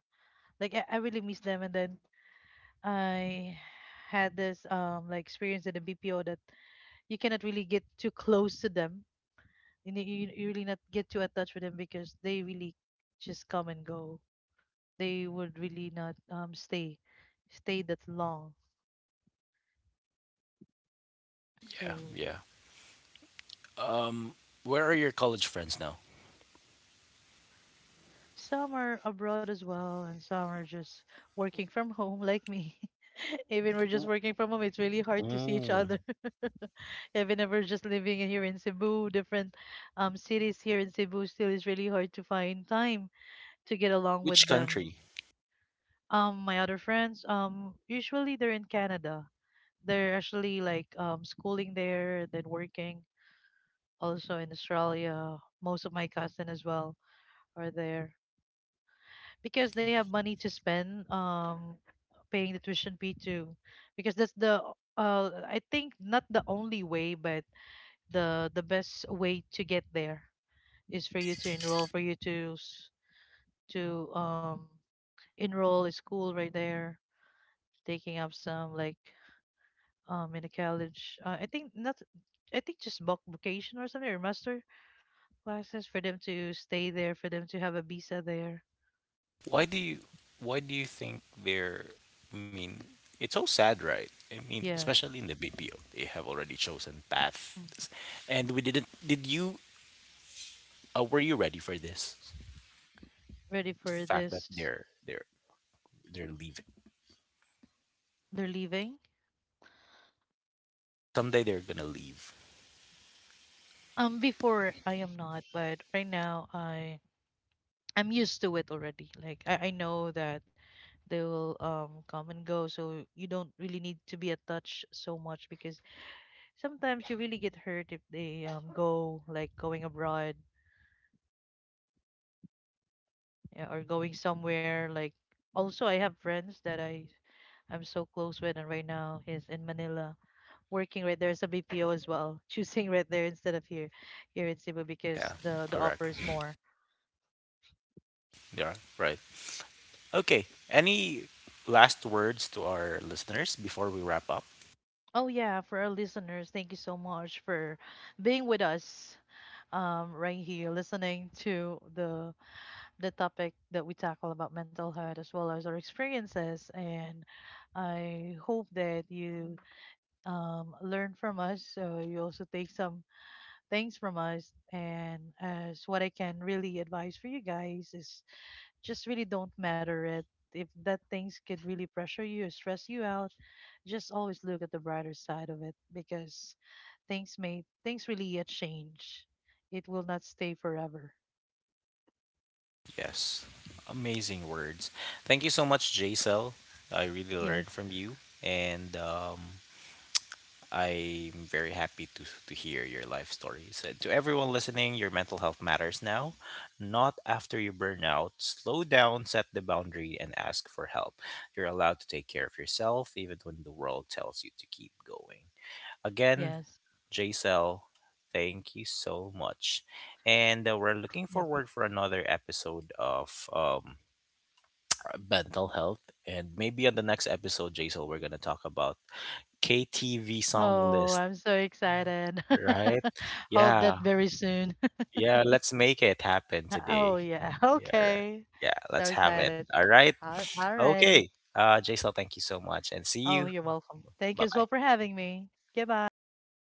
[SPEAKER 2] Like I really miss them. And then I had this like experience at the BPO that you cannot really get too close to them. And you really not get too attached with them because they really just come and go. They would really not stay that long.
[SPEAKER 1] Yeah,
[SPEAKER 2] So
[SPEAKER 1] yeah. Um, where are your college friends now?
[SPEAKER 2] some are abroad as well, and some are just working from home, like me. Even we're just
[SPEAKER 1] Mm.
[SPEAKER 2] working from home, it's really hard to see each
[SPEAKER 1] Mm.
[SPEAKER 2] other. Even if we're just living in here in Cebu, different cities here in Cebu, still it's really hard to find time to get along with
[SPEAKER 1] Which
[SPEAKER 2] them.
[SPEAKER 1] country?
[SPEAKER 2] My other friends, usually they're in Canada. They're actually like schooling there, then working. Also in Australia, most of my cousin as well are there, because they have money to spend, paying the tuition fee too, because that's the I think not the only way, but the best way to get there is for you to enroll, for you to to um enroll a school right there, taking up some like in a college, I think not I think just bulk vacation or something, or master classes, for them to stay there, for them to have a visa there.
[SPEAKER 1] Why do you why do you think they're, I mean, it's so sad, right? I mean,
[SPEAKER 2] Yeah.
[SPEAKER 1] especially in the BPO, they have already chosen paths.
[SPEAKER 2] Mm,
[SPEAKER 1] And we didn't, did you, were you ready for this
[SPEAKER 2] ready for
[SPEAKER 1] fact that
[SPEAKER 2] this.
[SPEAKER 1] they're leaving?
[SPEAKER 2] They're leaving.
[SPEAKER 1] Someday they're gonna leave.
[SPEAKER 2] Before I am not, but right now I I'm used to it already. Like I know that they will come and go, so you don't really need to be attached so much, because sometimes you really get hurt if they go like going abroad, yeah, or going somewhere. Like, also I have friends that I'm so close with, and right now he's in Manila working right there as a BPO as well, choosing right there instead of here in Cebu
[SPEAKER 1] Yeah,
[SPEAKER 2] because the
[SPEAKER 1] correct.
[SPEAKER 2] offer is more.
[SPEAKER 1] Yeah, right. Okay. Any last words to our listeners before we wrap up?
[SPEAKER 2] Oh yeah, for our listeners, thank you so much for being with us right here, listening to the topic that we tackle about mental health as well as our experiences. And I hope that you learn from us, so you also take some things from us. And as what I can really advise for you guys is just really don't matter it. If that things could really pressure you or stress you out, just always look at the brighter side of it, because things really change. It will not stay forever.
[SPEAKER 1] Yes. Amazing words. Thank you so much, Jcel. I really learned
[SPEAKER 2] Yes,
[SPEAKER 1] from you. And I'm very happy to hear your life stories. And to everyone listening, your mental health matters now, not after you burn out. Slow down, set the boundary, and ask for help. You're allowed to take care of yourself, even when the world tells you to keep going. Again,
[SPEAKER 2] yes,
[SPEAKER 1] JCL, thank you so much. And we're looking
[SPEAKER 2] yes.
[SPEAKER 1] forward for another episode of mental health. And maybe on the next episode, JCL, we're going to talk about KTV song
[SPEAKER 2] Oh,
[SPEAKER 1] list.
[SPEAKER 2] I'm so excited.
[SPEAKER 1] Right?
[SPEAKER 2] Hope that
[SPEAKER 1] Yeah.
[SPEAKER 2] very soon.
[SPEAKER 1] Yeah, let's make it happen
[SPEAKER 2] Oh
[SPEAKER 1] today.
[SPEAKER 2] yeah.
[SPEAKER 1] Yeah, right.
[SPEAKER 2] Okay.
[SPEAKER 1] Yeah,
[SPEAKER 2] So
[SPEAKER 1] let's have it.
[SPEAKER 2] excited.
[SPEAKER 1] All right.
[SPEAKER 2] All alrighty.
[SPEAKER 1] Okay. Jaisal, thank you so much and see
[SPEAKER 2] Oh,
[SPEAKER 1] you.
[SPEAKER 2] you're welcome. Thank you as well
[SPEAKER 1] Bye-bye.
[SPEAKER 2] for having me. Goodbye, guys.